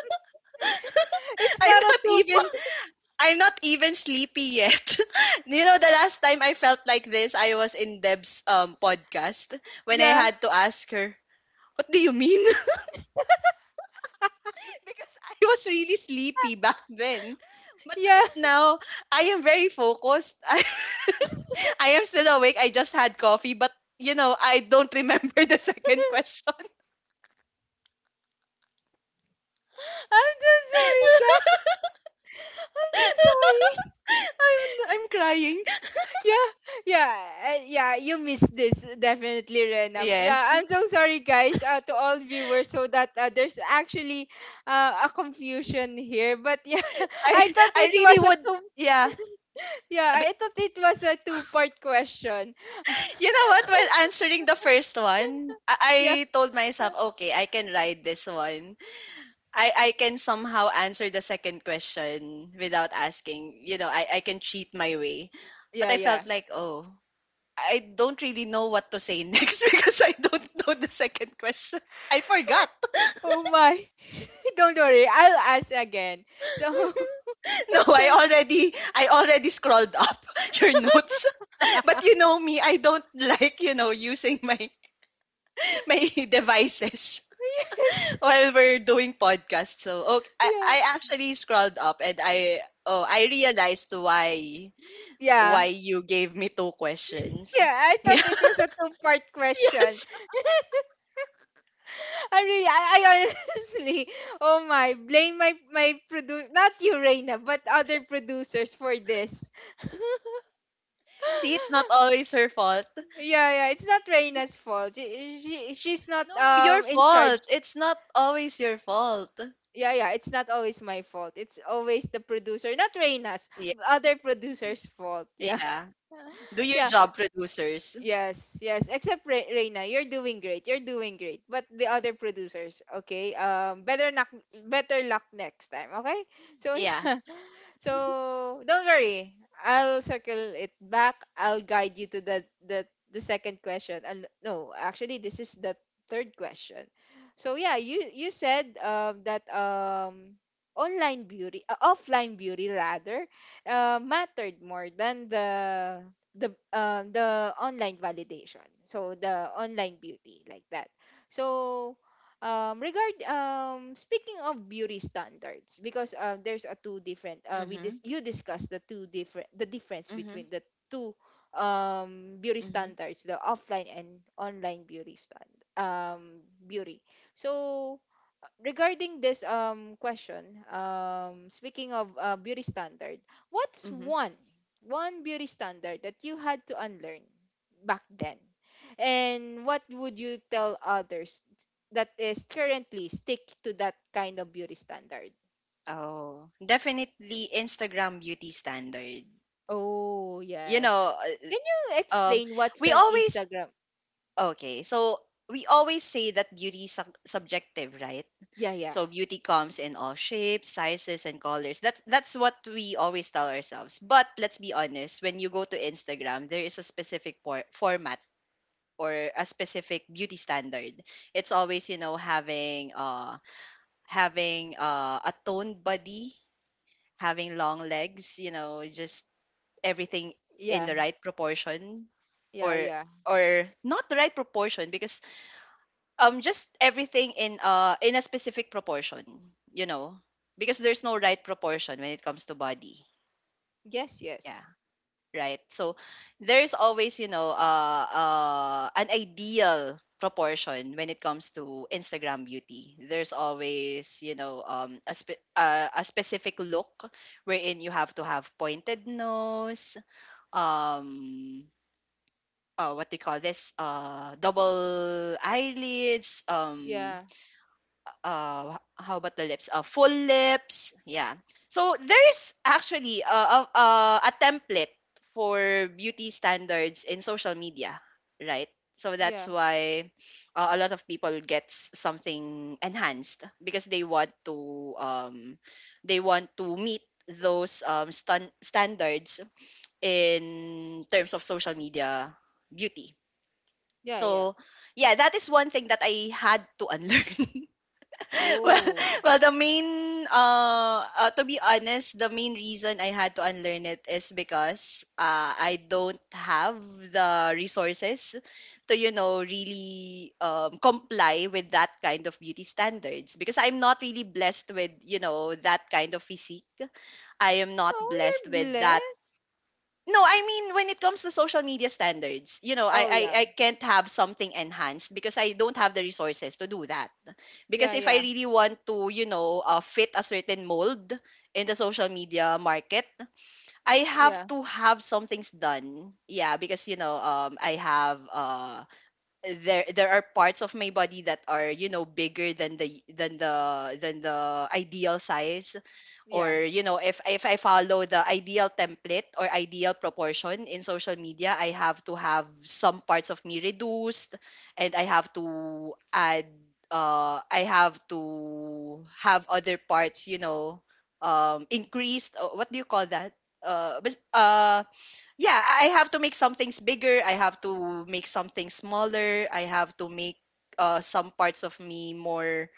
A: It's
B: I'm
A: not a
B: not
A: two.
B: even I'm not even sleepy yet. You know, the last time I felt like this, I was in Deb's um podcast when I
A: Yeah,
B: had to ask her, "What do you mean?" Because I was really sleepy back then. But
A: yeah.
B: right now, I am very focused. I, I am still awake. I just had coffee, but you know, I don't remember the second question.
A: I'm so sorry, guys. I'm so sorry.
B: I'm I'm crying.
A: Yeah, yeah, uh, yeah. You missed this definitely, Rena.
B: Yes.
A: Yeah, I'm so sorry, guys, uh, to all viewers, so that uh, there's actually uh, a confusion here. But yeah, I
B: I
A: thought
B: I
A: it
B: really
A: was a
B: would,
A: two.
B: yeah.
A: Yeah,
B: But
A: I thought it was a two-part question.
B: you know what? While answering the first one,
A: Yeah,
B: I, I told myself, okay, I can ride this one. I, I can somehow answer the second question without asking. You know, I, I can cheat my way. But
A: yeah,
B: I
A: yeah.
B: felt like, oh, I don't really know what to say next because I don't know the second question. I forgot.
A: Oh my! Don't worry, I'll ask again. So
B: No,
A: let's
B: I
A: circle.
B: already I already scrolled up your notes. But you know me, I don't like, you know, using my my devices
A: Yes.
B: while we're doing podcasts. So, okay, I,
A: Yeah.
B: I actually scrolled up and I oh, I realized why why
A: Yeah.
B: you gave me two questions.
A: Yeah, I
B: Yeah.
A: thought it was a two-part question.
B: Yes.
A: I really, I, I honestly, oh my, blame my my produce, not you, Reina, but other producers for this.
B: See, it's not always her fault.
A: Yeah, yeah, it's not Reina's fault. She, she she's not
B: No, your
A: um in charge.
B: fault. It's not always your fault.
A: Yeah, yeah, it's not always my fault. It's always the producer, not Reina's,
B: Yeah.
A: other producers' fault. Yeah,
B: Yeah. Do your
A: yeah,
B: job, producers.
A: yes, yes. Except Re- Reina, you're doing great. You're doing great. But the other producers, okay, um, better luck, better luck next time, okay? So
B: Yeah.
A: yeah. So don't worry. I'll circle it back. I'll guide you to the the, the second question. And no, actually this is the third question. So yeah, you you said um that um online beauty, uh, offline beauty rather, uh, mattered more than the the um the online validation. So the online beauty like that. So Um, regard um, speaking of beauty standards, because uh, there's a two different. Uh, we dis-
B: Mhm.
A: you discussed the two different, the difference
B: Mhm.
A: between the two um beauty
B: Mhm.
A: standards, the offline and online beauty stand um beauty. So regarding this um question, um speaking of uh, beauty standard, what's
B: Hmm.
A: one, one beauty standard that you had to unlearn back then? And what would you tell others that is currently stick to that kind of beauty standard?
B: Oh, definitely Instagram beauty standard.
A: Oh,
B: You
A: yes.
B: know,
A: Can
B: uh,
A: you
B: um,
A: explain what's
B: we
A: an
B: always
A: Instagram?
B: okay. So we always say that beauty is sub- subjective, right?
A: Yeah, yeah.
B: So beauty comes in all shapes, sizes, and colors. That's that's what we always tell ourselves. But let's be honest, when you go to Instagram, there is a specific por- format, or a specific beauty standard. It's always, you know, having uh having uh a toned body, having long legs, you know, just everything in
A: Yeah.
B: the right proportion,
A: Yeah,
B: or
A: yeah.
B: or not the right proportion, because um just everything in uh in a specific proportion, you know, because there's no right proportion when it comes to body.
A: Yes,
B: Yeah.
A: yes.
B: Right? So there's always, you know, uh, uh, an ideal proportion when it comes to Instagram beauty. There's always, you know, um, a, spe- uh, a specific look wherein you have to have pointed nose, um, uh, what do you call this? Uh, double eyelids, um,
A: Yeah.
B: uh h- how about the lips? Uh, full lips. Yeah. So there's actually a, a, a a template for beauty standards in social media, right? So that's
A: Yeah.
B: why uh, a lot of people gets something enhanced because they want to um they want to meet those um stan- standards in terms of social media beauty.
A: Yeah, yeah.
B: So yeah, that is one thing that I had to unlearn. Well,
A: Oh.
B: well, the main uh, uh to be honest, the main reason I had to unlearn it is because uh I don't have the resources to, you know, really um comply with that kind of beauty standards, because I'm not really blessed with, you know, that kind of physique. I am
A: No,
B: not blessed
A: you're
B: with that.
A: blessed.
B: No, I mean when it comes to social media standards, you know, I,
A: Oh
B: I
A: yeah.
B: I can't have something enhanced because I don't have the resources to do that. Because
A: Yeah,
B: if I
A: yeah,
B: really want to, you know, uh, fit a certain mold in the social media market, I have
A: yeah,
B: to have some things done. Yeah, because you know, um, I have uh there there are parts of my body that are, you know, bigger than the than the than the ideal size,
A: yeah,
B: or you know, if if I follow the ideal template or ideal proportion in social media, I have to have some parts of me reduced, and I have to add uh I have to have other parts, you know, um increased. Uh, what do you call that? uh, bas- uh yeah, I have to make some things bigger. I have to make something smaller. I have to make uh, some parts of me more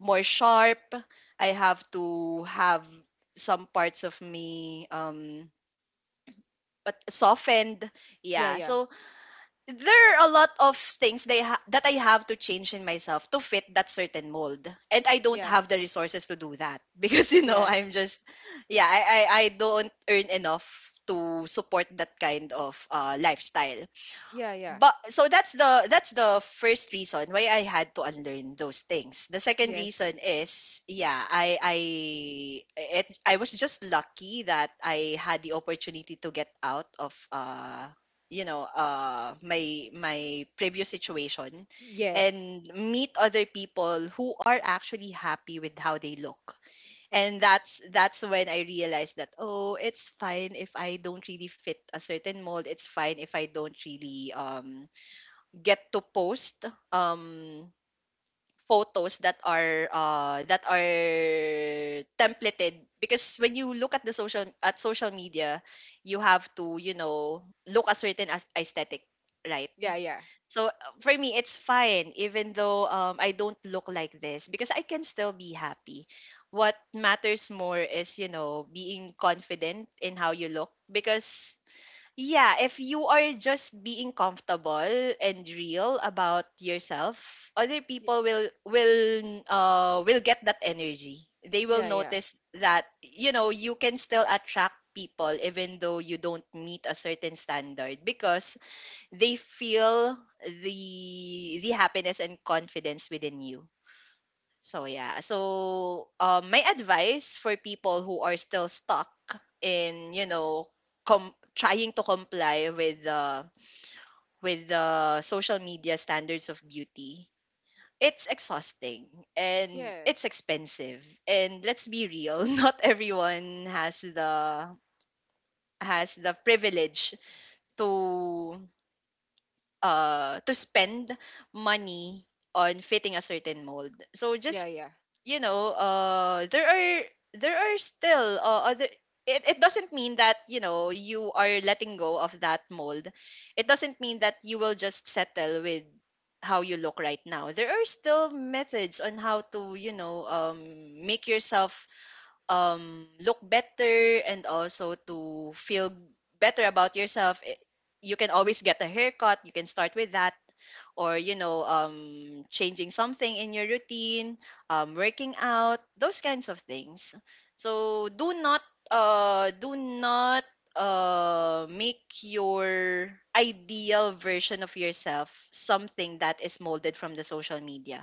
B: more sharp. I have to have some parts of me um but softened. Yeah.
A: yeah,
B: So there are a lot of things they ha- that I have to change in myself to fit that certain mold. And I don't
A: yeah,
B: have the resources to do that, because you
A: yeah,
B: know,
A: yeah,
B: I'm just yeah, I I, I don't earn enough to support that kind of uh, lifestyle.
A: yeah, yeah.
B: But so that's the that's the first reason why I had to unlearn those things. The second
A: Yes,
B: reason is yeah, I I it, I was just lucky that I had the opportunity to get out of uh you know uh my my previous situation
A: yes,
B: and meet other people who are actually happy with how they look. And that's that's when I realized that, oh, it's fine if I don't really fit a certain mold. It's fine if I don't really um get to post um photos that are uh that are templated, because when you look at the social at social media, you have to, you know, look a certain as- aesthetic, right?
A: yeah, yeah,
B: So uh, for me it's fine even though um I don't look like this, because I can still be happy. What matters more is, you know, being confident in how you look, because yeah, if you are just being comfortable and real about yourself, other
A: y-
B: people will will uh will get that energy. They will
A: yeah, yeah,
B: notice that, you know, you can still attract people even though you don't meet a certain standard, because they feel the the happiness and confidence within you. So yeah. So um my advice for people who are still stuck in, you know, com- trying to comply with the with the social media standards of beauty: it's exhausting and
A: yes,
B: it's expensive. And let's be real, not everyone has the has the privilege to uh to spend money on fitting a certain mold. So
A: yeah,
B: just,
A: yeah,
B: you know, uh there are there are still uh, other it, it doesn't mean that, you know, you are letting go of that mold. It doesn't mean that you will just settle with how you look right now. There are still methods on how to, you know, um make yourself um, look better, and also to feel better about yourself. I- you can always get a haircut. You can start with that, or you know, um, changing something in your routine, um, working out, those kinds of things. So do not, uh, do not uh make your ideal version of yourself something that is molded from the social media.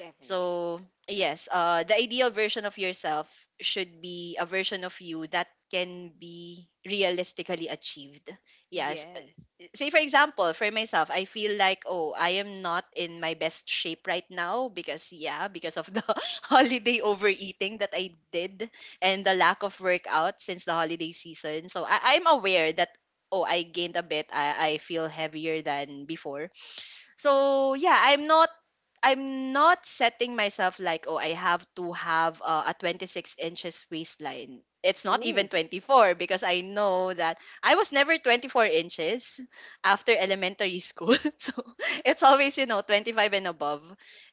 A: definitely.
B: So, yes, uh, the ideal version of yourself should be a version of you that can be realistically achieved. Yes.
A: Yes.
B: Say, for example, for myself, I feel like, oh, I am not in my best shape right now, because, yeah, because of the holiday overeating that I did, and the lack of workout since the holiday season. So, I- I'm aware that. Oh, I gained a bit. I, I feel heavier than before. So yeah, I'm not I'm not setting myself like, oh, I have to have uh, a twenty-six inches waistline. It's not even
A: Ooh,
B: twenty-four, because I know that I was never twenty-four inches after elementary school. So it's always, you know, twenty-five and above.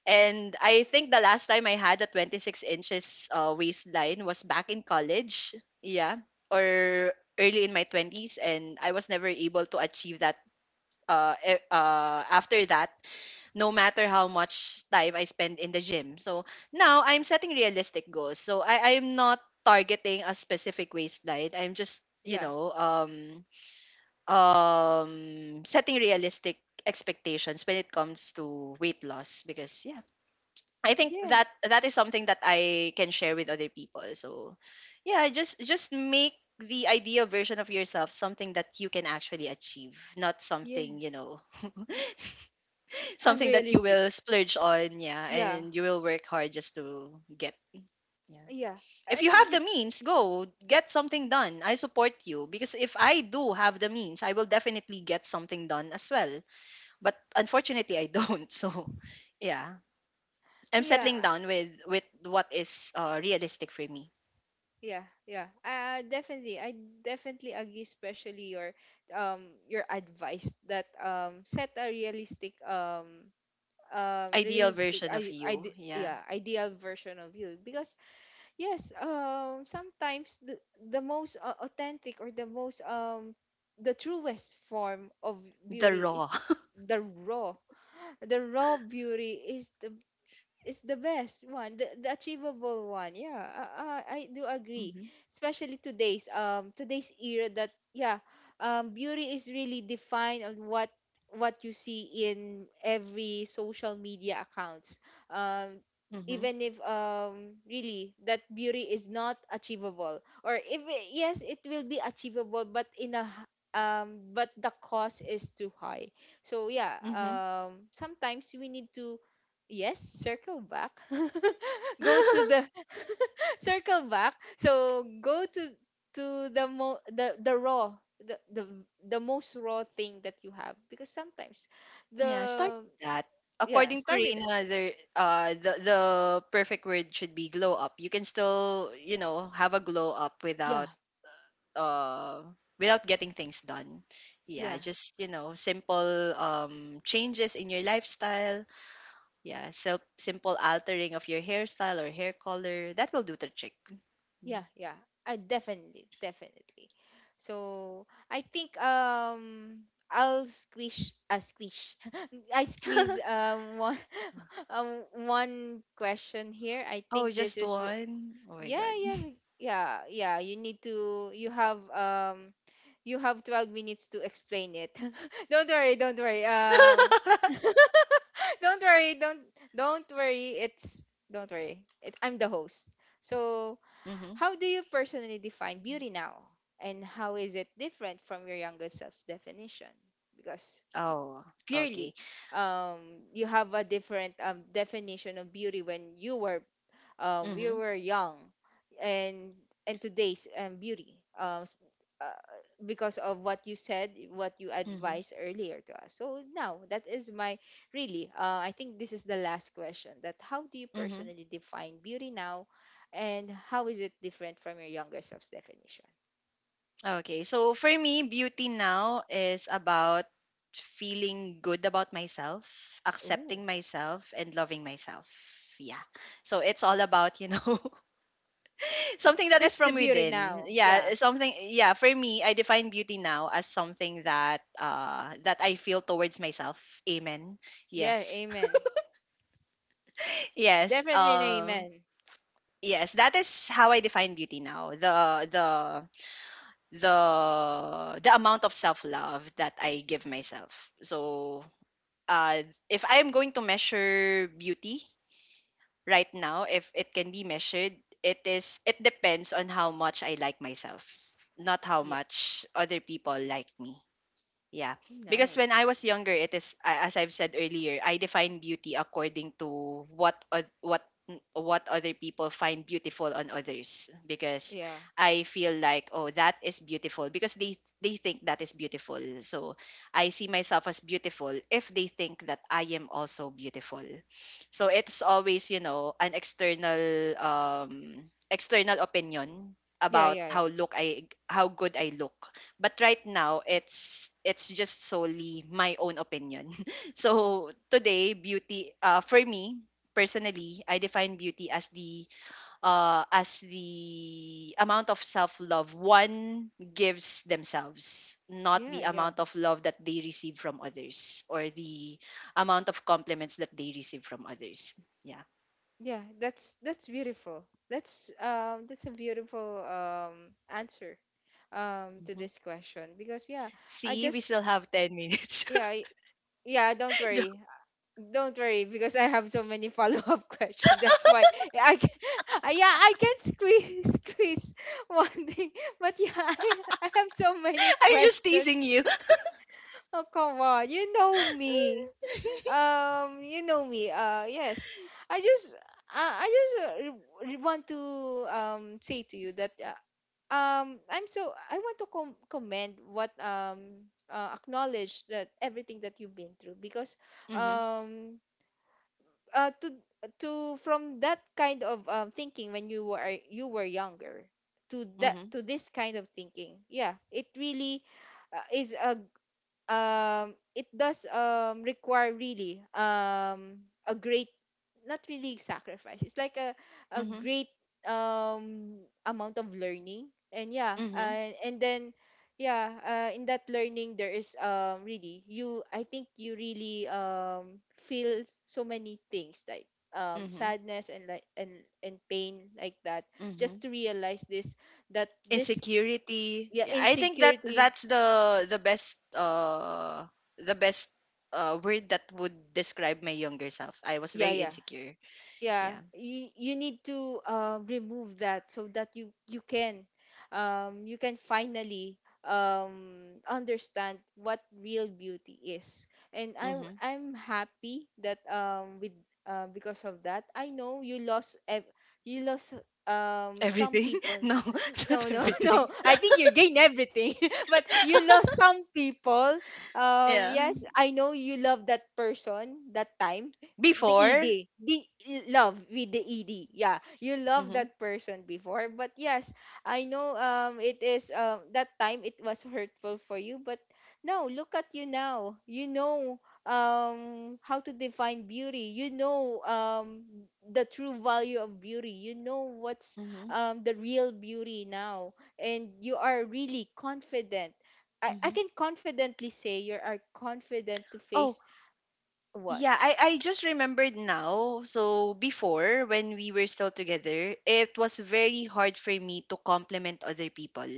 B: And I think the last time I had a twenty-six inches uh, waistline was back in college. Yeah, or early in my twenties, and I was never able to achieve that uh, e- uh after that, no matter how much time I spend in the gym. So now I'm setting realistic goals. So I, I'm not targeting a specific waistline. I'm just, you
A: yeah,
B: know, um, um, setting realistic expectations when it comes to weight loss, because yeah, I think
A: yes,
B: that that is something that I can share with other people. So yeah, just just make the ideal version of yourself something that you can actually achieve, not something, you
A: yes.
B: know, something that you
A: Unrealistic.
B: will splurge on, yeah,
A: Yeah,
B: and you will work hard just to get. Yeah.
A: yeah,
B: If you
A: and
B: have the
A: y-
B: means, go get something done. I support you, because if I do have the means, I will definitely get something done as well. But unfortunately, I don't. So, yeah. I'm
A: yeah,
B: settling down with with what is, uh, realistic for me.
A: yeah, yeah. Uh, definitely, I definitely agree. Especially your um your advice that um set a realistic um um
B: Ideal
A: realistic
B: version of
A: I, I
B: you,
A: ide
B: yeah.
A: yeah, ideal version of you, because yes, um sometimes the, the most uh, authentic or the most um the truest form of
B: The
A: beauty
B: raw.
A: is the raw, the raw beauty is the, it's the best one, the, the achievable one. Yeah, uh, uh, I do agree.
B: Mhm.
A: Especially today's um today's era that yeah, um beauty is really defined on what what you see in every social media accounts. Um
B: Mhm.
A: even if um really that beauty is not achievable, or if it- yes, it will be achievable, but in a h- um but the cost is too high. So yeah,
B: Mhm.
A: um sometimes we need to. Yes, circle back. Go to the circle back. So go to to the mo the the raw, the the the most raw thing that you have, because sometimes
B: Yeah, start
A: the,
B: with that.
A: yeah,
B: According to
A: start with it.
B: Reina, there uh the the perfect word should be glow up. You can still, you know, have a glow up
A: Yeah,
B: without uh without getting things done. Yeah,
A: yeah,
B: just, you know, simple um changes in your lifestyle. Yeah, so simple altering of your hairstyle or hair color. That will do the trick.
A: yeah,
B: Mhm.
A: yeah. I definitely, definitely. So I think um I'll squish a uh, squish. I squeeze um one um one question here. I
B: Oh,
A: think this
B: just
A: is.
B: one. Oh my
A: Yeah,
B: god.
A: yeah, we- yeah, yeah. You need to. You have um. You have twelve minutes to explain it. don't worry. Don't worry. Um. don't worry. Don't don't worry. It's don't worry. It, I'm the host. So,
B: Mhm.
A: how do you personally define beauty now, and how is it different from your younger self's definition? Because y-
B: Oh, okay.
A: clearly, um, you have a different um, definition of beauty when you were um, we
B: Mhm.
A: were young, and and today's um, beauty, um, s- uh, because of what you said, what you
B: Mhm.
A: advised earlier to us. So now that is my, really, uh, I think this is the last question: that how do you
B: Mhm.
A: personally define beauty now, and how is it different from your younger self's definition?
B: Okay, so for me, beauty now is about feeling good about myself, accepting
A: Ooh,
B: myself, and loving myself. Yeah. So it's all about, you know, something that is
A: that's the
B: from
A: beauty
B: within.
A: now.
B: Yeah,
A: Yeah,
B: something, yeah, for me, I define beauty now as something that uh that I feel towards myself. Amen.
A: yeah,
B: Yes.
A: amen.
B: Yes.
A: Definitely an
B: Um,
A: amen.
B: yes, that is how I define beauty now. The the the the amount of self love that I give myself. So, uh, if I am going to measure beauty right now, if it can be measured, it is it depends on how much I like myself, not how
A: Yeah,
B: much other people like me. Yeah. Because when
A: nice.
B: I was younger, it is a- as I've said earlier, I define beauty according to what oth- what n- what other people find beautiful on others, because
A: Yeah,
B: I feel like, oh, that is beautiful because they they think that is beautiful. So I see myself as beautiful if they think that I am also beautiful. So it's always, you know, an external um external opinion
A: yeah,
B: about
A: yeah, yeah,
B: how look I how good I look, but right now it's it's just solely my own opinion. So today beauty uh, for me personally, I define beauty as the uh, as the amount of self love one gives themselves, not
A: yeah,
B: the
A: yeah.
B: amount of love that they receive from others or the amount of compliments that they receive from others. Yeah.
A: Yeah, that's that's beautiful. That's um that's a beautiful um answer um to
B: Mhm.
A: this question, because, yeah, I
B: See, we
A: just
B: still have ten minutes.
A: yeah, I, yeah, don't
B: Jo-
A: worry. Don't worry, because I have so many follow-up questions. That's why I can, yeah, I can squeeze squeeze one thing. But yeah, I, I have so many
B: I'm just
A: questions.
B: teasing you.
A: Oh, come on. You know me. Um, you know me. Uh, yes. I just, uh, I just uh, re- re- want to um say to you that uh, um I'm so, I want to com- commend what, um uh, acknowledge that everything that you've been through, because
B: Hmm.
A: um uh to to from that kind of um thinking when you were you were younger to that to this kind of thinking. Yeah, it really uh, is a, um it does um require really um a great, not really sacrifice, it's like a a
B: Hmm.
A: great um amount of learning. And yeah,
B: Mhm.
A: uh, and then yeah, uh, in that learning there is, um really, you I think you really um feel so many things, like um
B: Mhm.
A: sadness, and like, and and pain like that, just
B: Mhm.
A: to realize this, that this.
B: Insecurity.
A: Yeah,
B: Yeah, I think that
A: insecurity.
B: that's the the best uh the best uh word that would describe my younger self. I was
A: Yeah,
B: very
A: yeah,
B: insecure.
A: yeah.
B: Yeah.
A: you, you need to uh, remove that so that you you can um, you can finally um, understand what real beauty is. And i i'm
B: Mhm.
A: I'm happy that, um with uh, because of that, I know you lost ev- you lost um some
B: Everything?
A: people.
B: No,
A: No,
B: not
A: no, no,
B: everything.
A: I think you gain everything, but you lost some people. um
B: Yeah.
A: yes, I know you love that person that time. the ed
B: Before?
A: the love with the ed, yeah, you love
B: Mhm.
A: that person before. But yes, I know, um it is, um that time it was hurtful for you, but now look at you now. You know um how to define beauty. You know um the true value of beauty. You know what's
B: Mhm.
A: um the real beauty now, and you are really confident. i, I
B: Mhm.
A: can confidently say you are confident to
B: Oh,
A: face what.
B: yeah, I I just remembered now. So before, when we were still together, it was very hard for me to compliment other people.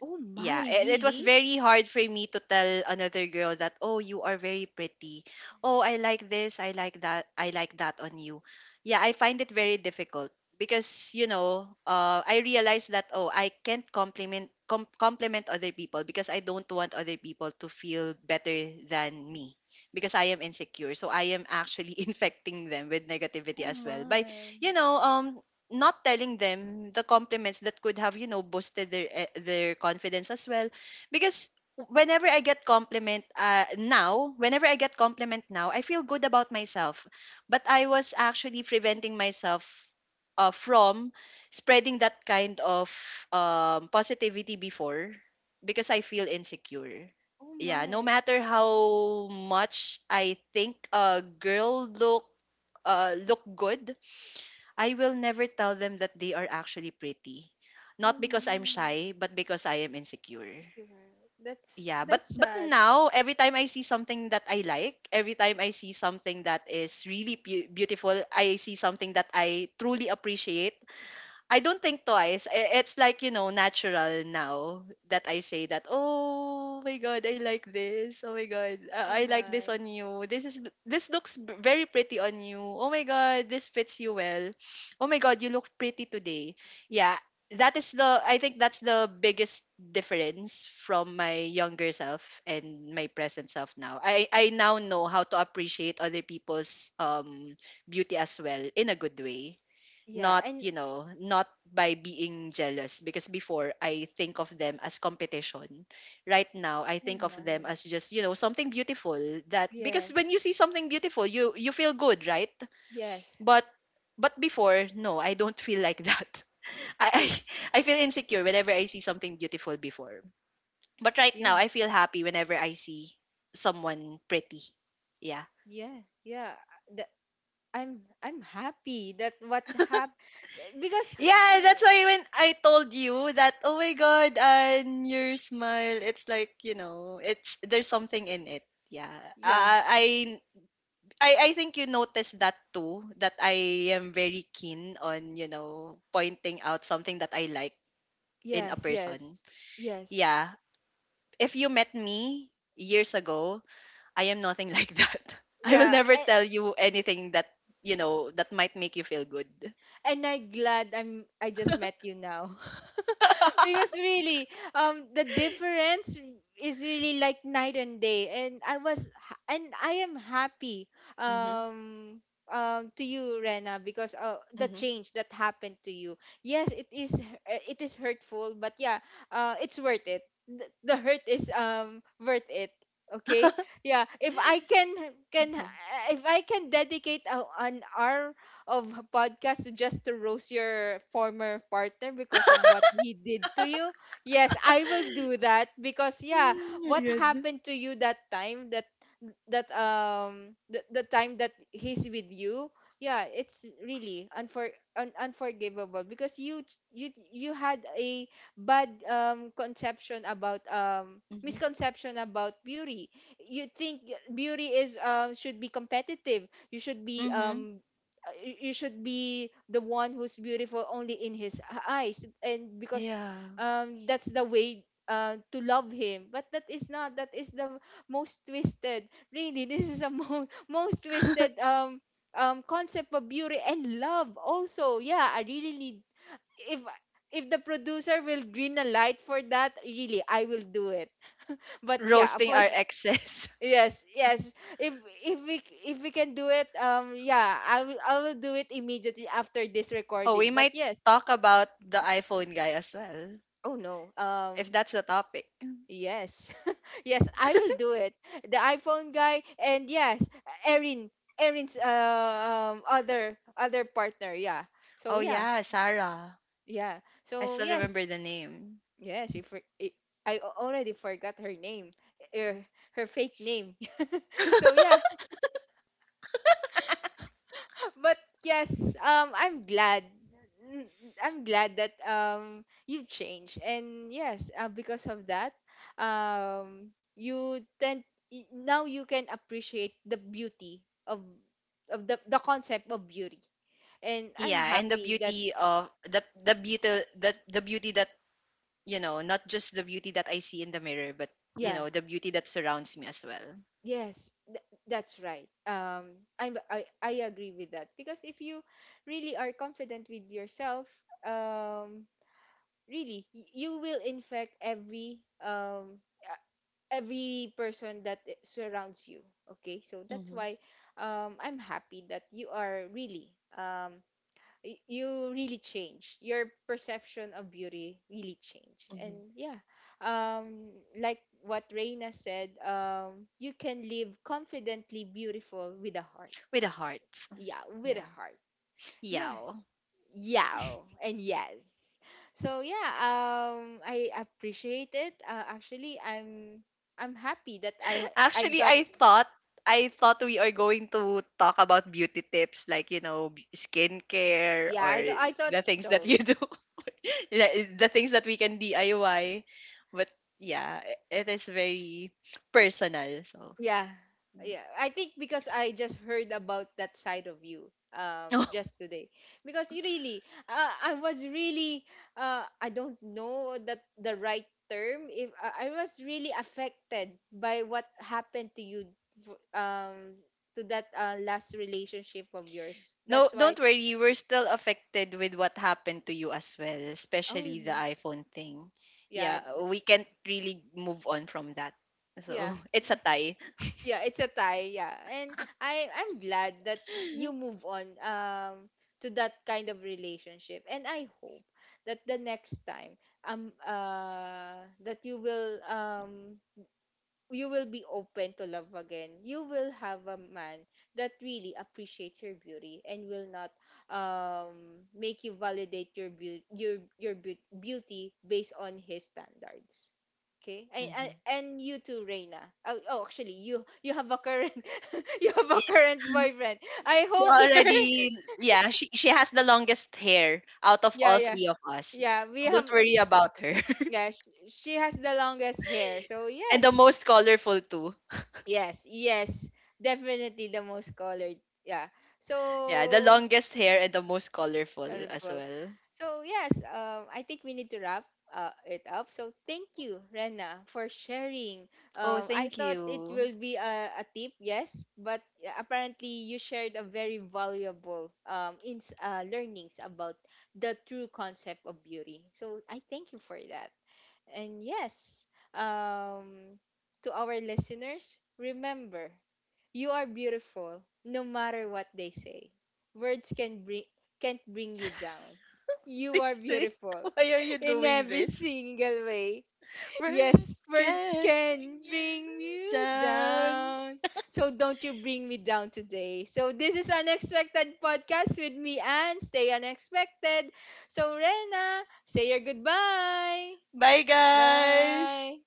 A: Oh,
B: Yeah,
A: my,
B: it, it was
A: really.
B: very hard for me to tell another girl that, oh, you are very pretty. Oh, I like this. I like that. I like that on you. Yeah, I find it very difficult because, you know, uh, I realized that, oh, I can't compliment com- compliment other people because I don't want other people to feel better than me because I am insecure. So I am actually infecting them with negativity
A: Oh
B: as well by,
A: my.
B: you know, um, not telling them the compliments that could have, you know, boosted their eh, their confidence as well, because whenever I get compliment uh, now whenever I get compliment now, I feel good about myself, but I was actually preventing myself uh, from spreading that kind of um, positivity before because I feel insecure.
A: Oh
B: Yeah, no
A: my.
B: matter how much I think a girl look uh, look good, I will never tell them that they are actually pretty.
A: Oh
B: Not
A: my.
B: because I'm shy, but because I am insecure.
A: Secure. That's
B: Yeah, but
A: that's
B: but
A: sad.
B: now every time I see something that I like, every time I see something that is really beau- beautiful, I see something that I truly appreciate, I don't think twice. I- It's like, you know, natural now that I say that, oh my God, I like this. Oh my God, uh,
A: Oh
B: I like this
A: my.
B: on you. This is this looks b- very pretty on you. Oh my God, this fits you well. Oh my God, you look pretty today. Yeah, that is the, I think that's the biggest difference from my younger self and my present self now. I I now know how to appreciate other people's um beauty as well in a good way,
A: Yeah,
B: not,
A: and
B: you know, not by being jealous, because before I think of them as competition. Right now I
A: oh
B: think of them
A: my.
B: as just, you know, something beautiful, that because
A: Yes.
B: when you see something beautiful, you you feel good, right?
A: Yes.
B: but but before, no, I don't feel like that. i i, I feel insecure whenever I see something beautiful before, but right
A: Yeah.
B: now I feel happy whenever I see someone pretty. Yeah.
A: Yeah. Yeah. That, I'm I'm happy that what happened, because
B: Yeah, that's
A: y-.
B: why when I told you that, oh my god, and your smile, it's like, you know, it's there's something in it. Yeah.
A: Yeah.
B: Uh, I I I think you noticed that too, that I am very keen on, you know, pointing out something that I like in a
A: Yes,
B: person.
A: yes. Yes.
B: Yeah. If you met me years ago, I am nothing like that. I will
A: Yeah,
B: never
A: I,
B: tell you anything that, you know, that might make you feel good.
A: and I glad I'm I just met you now. because really, um the difference is really like night and day, and I was ha- and I am happy
B: Mhm.
A: um um to you, Rena, because uh, the
B: Mhm.
A: change that happened to you. Yes, it is uh, it is hurtful, but yeah, uh it's worth it. The, the hurt is um worth it. Okay? Yeah, if I can can
B: Mhm.
A: if I can dedicate a, an hour of a podcast just to roast your former partner because of what he did to you. Yes, I will do that, because, yeah,
B: Mm, my
A: what
B: goodness.
A: happened to you that time, that that um the, the time that he's with you, yeah, it's really unfor- un- unforgivable, because you you you had a bad um conception about um
B: Mm-hmm.
A: misconception about beauty. You think beauty is um should be competitive. You should be
B: Mm-hmm.
A: um uh, y- you should be the one who's beautiful only in his eyes, and because
B: Yeah.
A: um that's the way uh, to love him. But that is not, that is the most twisted, really, this is a mo- most twisted um um concept of beauty, and love also. Yeah, I really need, if if the producer will green a light for that, really, I will do it. But yeah,
B: Roasting
A: for.
B: our exes.
A: Yes, yes. If if we, if we can do it, um, yeah, I will I will do it immediately after this
B: Oh, we
A: recording. But
B: might
A: yes,
B: talk about the iPhone guy as well,
A: oh no,
B: if
A: um,
B: that's the topic.
A: yes, yes, I will do it. The iPhone guy. And yes, Erin, Erin's uh, um other other partner, yeah. So
B: Oh,
A: yeah,
B: yeah, Sarah.
A: yeah.
B: I
A: So
B: still remember
A: yes,
B: the name.
A: yes. If I I already forgot her name, er, her fake name. So yeah. But yes, um, I'm glad. n- I'm glad that um you've changed, and yes, uh, because of that, um, you tend, y- now you can appreciate the beauty of, of the the concept of beauty, and I'm
B: Yeah, and the
A: happy that
B: beauty of the the beauty that, the beauty that, you know, not just the beauty that I see in the mirror, but, you
A: yeah.
B: know, the beauty that surrounds me as well.
A: Yes, th- that's right. Um, I'm I I agree with that, because if you really are confident with yourself, um, really, y- you will infect every um uh, every person that i- surrounds you. Okay, so that's
B: Mm-hmm.
A: why um I'm happy that you are really, um y- you really change your perception of beauty, really change. And
B: Mm-hmm.
A: yeah, um like what Reina said, um you can live confidently beautiful with a heart.
B: With a heart.
A: Yeah, with
B: Yeah.
A: a heart.
B: Yeah.
A: Yes. Yeah. And yes. So yeah, um I appreciate it. Uh, actually, I'm I'm happy that I I
B: Actually,
A: got,
B: I thought, I thought we are going to talk about beauty tips, like, you know, b- skincare
A: yeah,
B: or
A: I th- I thought
B: the things that
A: so.
B: you do. the the things that we can D I Y. But yeah, i- it is very personal. So,
A: Yeah, yeah. I think because I just heard about that side of you um just today, because you really, uh, I was really, uh I don't know that the right term, if I I was really affected by what happened to you, v- um to that uh, last relationship of yours.
B: no,
A: That's why,
B: don't worry. We're still affected with what happened to you as well,
A: oh
B: especially the
A: re-,
B: iPhone thing.
A: yeah
B: Yeah,
A: th-,
B: we can't really move on from that.
A: yeah.
B: So, it's a tie.
A: Yeah, it's a tie. Yeah, and I I'm glad that you move on um to that kind of relationship, and I hope that the next time, um uh that you will um you will be open to love again. You will have a man that really appreciates your beauty and will not um, make you validate your beauty, your your beau- beauty based on his standards. Okay, and, and,
B: Mhm.
A: and you too, Reina. Oh, oh, actually, you you have a current you have a
B: Yeah.
A: current boyfriend. I
B: She
A: hope you're
B: already, yeah, she, she has the longest hair out of
A: yeah,
B: all
A: yeah,
B: three of us.
A: yeah. We
B: So
A: have
B: don't worry
A: sh
B: about her.
A: yeah. She, she has the longest hair, so
B: And the
A: yes,
B: most colorful too.
A: yes, yes. Definitely the most colored. Yeah.
B: Yeah, the
A: So
B: longest hair and the most colorful as
A: colorful.
B: well.
A: So yes, um, I think we need to wrap uh, it up. So thank you, Rena, for sharing.
B: Oh,
A: Um, I
B: thank
A: thought it
B: you.
A: will be a, a tip, yes, but yeah, apparently you shared a very valuable um ins uh, learnings about the true concept of beauty. So I thank you for that. And yes, um, to our listeners, remember. You are beautiful, no matter what they say. Words can bring can't bring you down. You are beautiful
B: Why are you
A: in
B: doing
A: every
B: this?
A: single way. Yes,
B: Words
A: words
B: can bring
A: can
B: you
A: bring you
B: down.
A: down. So don't you bring me down today. So this is Unexpected Podcast with me, and stay unexpected. So Rena, say your goodbye.
B: Bye, guys.
A: Bye.